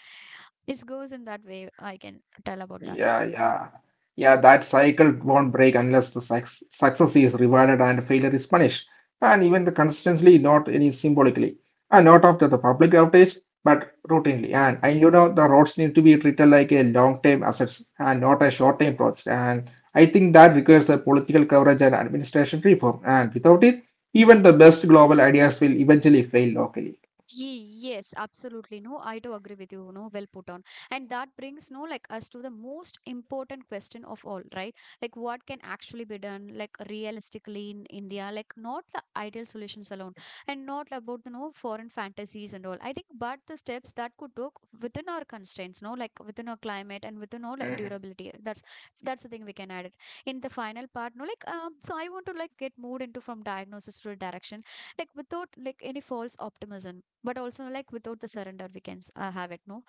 This goes in that way. I can tell about that.
Yeah, yeah. Yeah, that cycle won't break unless the success is rewarded and failure is punished. And even the consistently, not any symbolically. And not after the public outage, but routinely. And you know, the roads need to be treated like a long-term assets and not a short-term project. And I think that requires a political coverage and administration reform. And without it, even the best global ideas will eventually fail locally.
Yes, absolutely. No, I do agree with you. No, well put on. And that brings no like us to the most important question of all, right? Like what can actually be done, like realistically in India, like not the ideal solutions alone, and not about the no foreign fantasies and all. I think, but the steps that could work within our constraints, no, like within our climate
Mhm,
and within all like durability. That's the thing we can add it in the final part. No, like So I want to like get moved into from diagnosis to direction, like without like any false optimism, but also like without the surrender we can have it, no.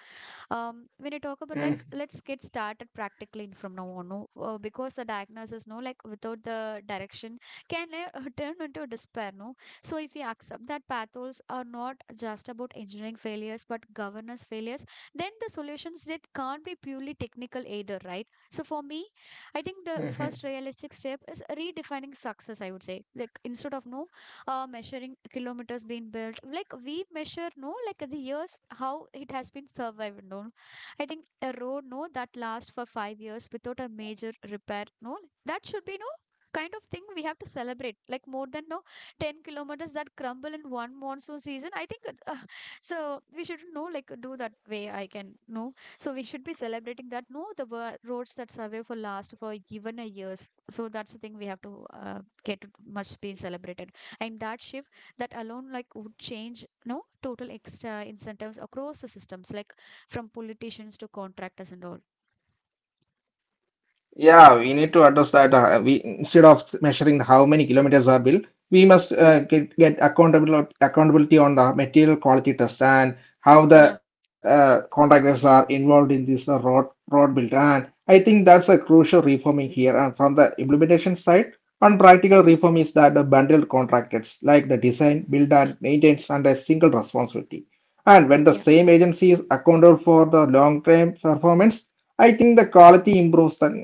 mhm,
When you talk about like, let's get started practically from now on, no, because the diagnosis no like without the direction can [laughs] turn into despair, no. So if you accept that pathos are not just about engineering failures but governance failures, then the solutions that can't be purely technical either, right? So for me,
mhm.
I think the first realistic step is redefining success, I would say, like instead of no measuring kilometers being built, like we measure no like the years how it has been survived, no. I think a road no that lasts for 5 years without a major repair, no, that should be no kind of thing we have to celebrate, like more than no 10 kilometers that crumble in one monsoon season. I think uh, [laughs] so we should know like do that way, I can know. So we should be celebrating that, no, the roads that survive for last for even a years. So that's the thing we have to get much being celebrated. And that shift, that alone like would change no total extra incentives across the systems, like from politicians to contractors and all.
Yeah, we need to address that. We instead of measuring how many kilometers are built, we must get accountable accountability on the material quality test and how
Yeah,
the contractors are involved in this road build. And I think that's a crucial reforming here. And from the implementation side, one practical reform is that the bundled contractors like the design, build, and maintenance under a single responsibility. And when the
yeah,
same agency is accountable for the long-term performance, I think the quality improves.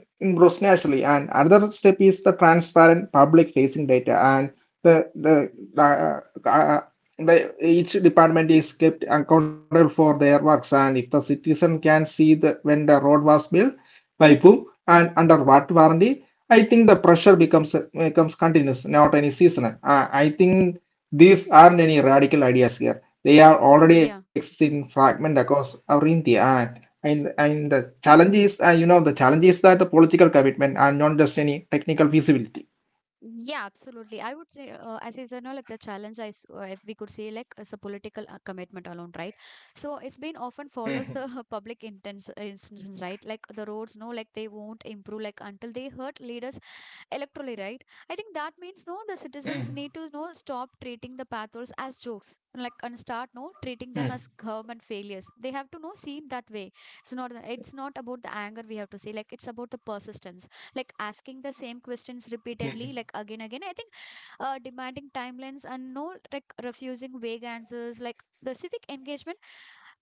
Mm. Grows naturally. And another step is the transparent public facing data, and the the uh, uh, the each department is kept accountable for their works. And if the citizen can see the when the road was built, by whom and under what warranty, I think the pressure becomes continuous, not any seasonal I think these aren't any radical ideas here. They are already
yeah,
existing fragment across our India, and the challenge is, you know, the challenge is that the political commitment and not just any technical feasibility.
yeah, absolutely, I would say as is, you know, like the challenge if we could say like it's a political commitment alone, right? So it's been often follows the [laughs]
Mhm,
public intents instance, right? Like the roads no like they won't improve like until they hurt leaders electorally, right? I think that means no, the citizens need
mhm,
to no stop treating the pathos as jokes, like and start no treating them as
mhm,
government failures. They have to no see it that way. It's not about the anger we have to say, like it's about the persistence, like asking the same questions
mhm.
repeatedly, like again. I think demanding timelines and no like refusing vague answers, like the civic engagement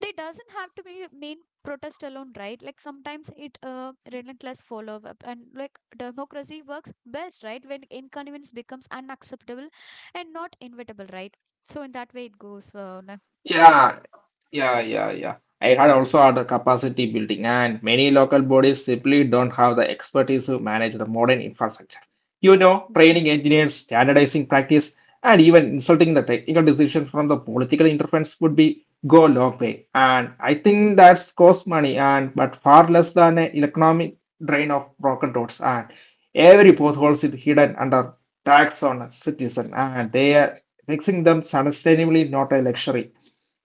they doesn't have to be mean protest alone, right? Like sometimes it relentless follow up, and like democracy works best right when inconvenience becomes unacceptable and not inevitable, right? So in that way it goes like,
Yeah, yeah, yeah, yeah. I had also had the capacity building, and many local bodies simply don't have the expertise to manage the modern infrastructure. You know, training
yeah.
engineers, standardizing practice, and even insulting the technical decisions from the political interference would be go a long way. And I think that's cost money, and but far less than an economic drain of broken roads. And every potholes is hidden under tax on a citizen, and they mixing them sustainably not a luxury.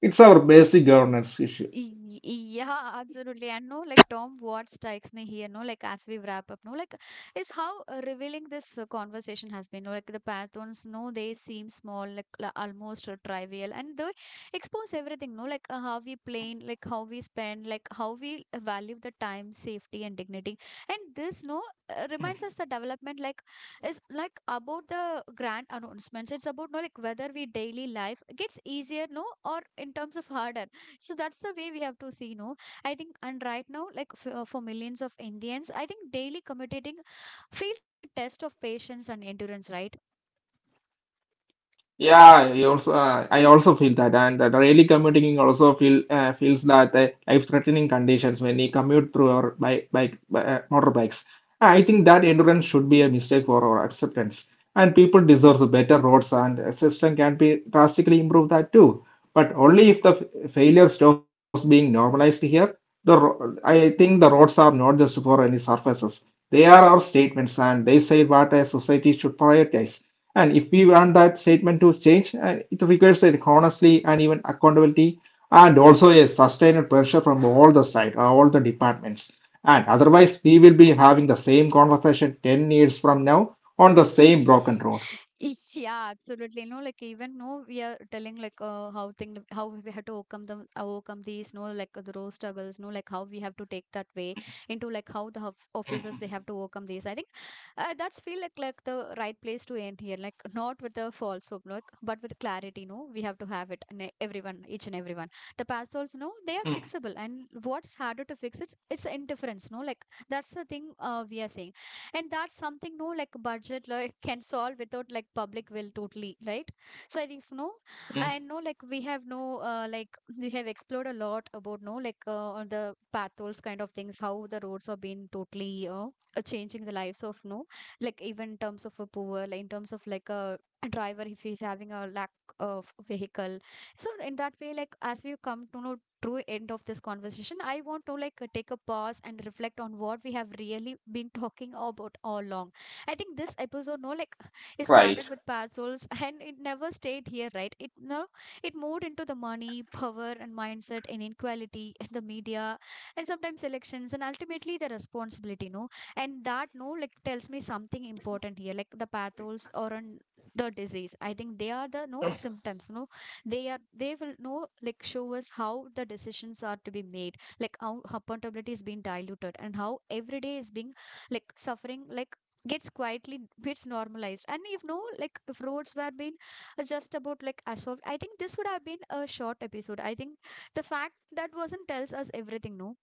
It's our basic governance issue.
Yeah, absolutely. And no, like Tom, what strikes me here, no, like as we wrap up, no, like is how revealing this conversation has been. No, like the Pathons, no, they seem small, like almost trivial, and they expose everything, no, like how we plan, like how we spend, like how we value the time, safety, and dignity. And this, no, reminds us the development, like is like about the grand announcements. It's about no, like whether we daily life gets easier, no, or in terms of harder, so that's the way we have to see, no. I think and right now like for millions of indians I think daily commuting feels like a test of patience and endurance, right?
Yeah, I also feel that, and that really commuting also feels that life-threatening conditions when you commute through our bike, bike motorbikes. I think that endurance should be a mistake for our acceptance, and people deserve better roads, and a system can be drastically improve that too. But only if the failure stops being normalized here. I think the roads are not just for any surfaces; they are our statements, and they say what a society should prioritize. And if we want that statement to change, it requires a honestly and even accountability and also a sustained pressure from all the side, all the departments. And otherwise, we will be having the same conversation 10 years from now on the same broken roads.
Yeah, absolutely. You know, like even no, we are telling like how we had to overcome these no like the road struggles, no like how we have to take that way into like how the officers they have to overcome these. I think that's feel like the right place to end here. Like not with the false hope, like but with clarity. No, we have to have it. And everyone, each and everyone, the past holes, no, they are fixable. And what's harder to fix it's indifference. No, like that's the thing we are saying, and that's something no like budget like [laughs] can solve without like public will, totally, right? So if no, I know like we have no like we have explored a lot about no like on the patrols kind of things, how the roads have been totally changing the lives of no, like even in terms of a poor, like in terms of like a driver if he's having a lack of vehicle. So in that way, like as we come to know true end of this conversation, I want to like take a pause and reflect on what we have really been talking about all along. I think this episode, no like [laughs] it started with parcels and it never stayed here, right? It no, it moved into the money, power, and mindset, and inequality, and the media, and sometimes elections, and ultimately the responsibility, no. And that no like tells me something important here, like the pathos or an, the disease I think they are the no symptoms, no. They will know like show us how the decisions are to be made, like how accountability is being diluted, and how every day is being like suffering like gets quietly gets normalized. And you know like if roads were being just about like assault, I think this would have been a short episode. I think the fact that wasn't tells us everything, no.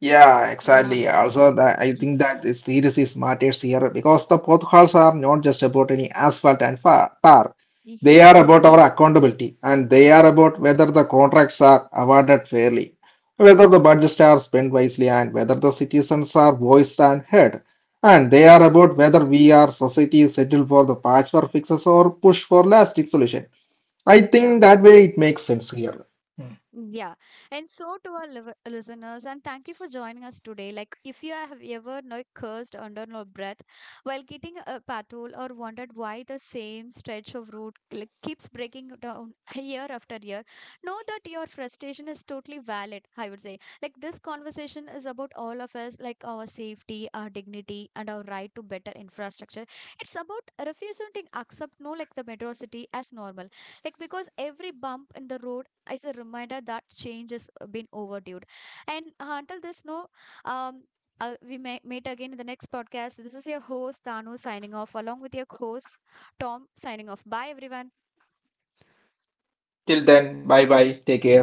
Yeah,
Yeah.
exactly. Also, that I think that the series is seriously matters here because the potholes are not just about any asphalt and tar. They are about
Yeah.
our accountability, and they are about whether the contracts are awarded fairly, whether the budgets are spent wisely, and whether the citizens are voiced and heard. And they are about whether we are society settle for the patchwork fixes or push for lasting solution. I
Yeah.
think that way it makes sense here.
Yeah, and so to our listeners, and thank you for joining us today. Like, if you have ever like cursed under your breath while getting a patrol, or wondered why the same stretch of road like, keeps breaking down [laughs] year after year, know that your frustration is totally valid. I would say, like, this conversation is about all of us, like our safety, our dignity, and our right to better infrastructure. It's about refusing to accept no like the metro city as normal, like because every bump in the road is a reminder that change has been overdue. And until this, no, um, we may meet again in the next podcast. This is your host, Tanu, signing off, along with your host, Tom, signing off. Bye, everyone.
Till then, bye bye. Take care.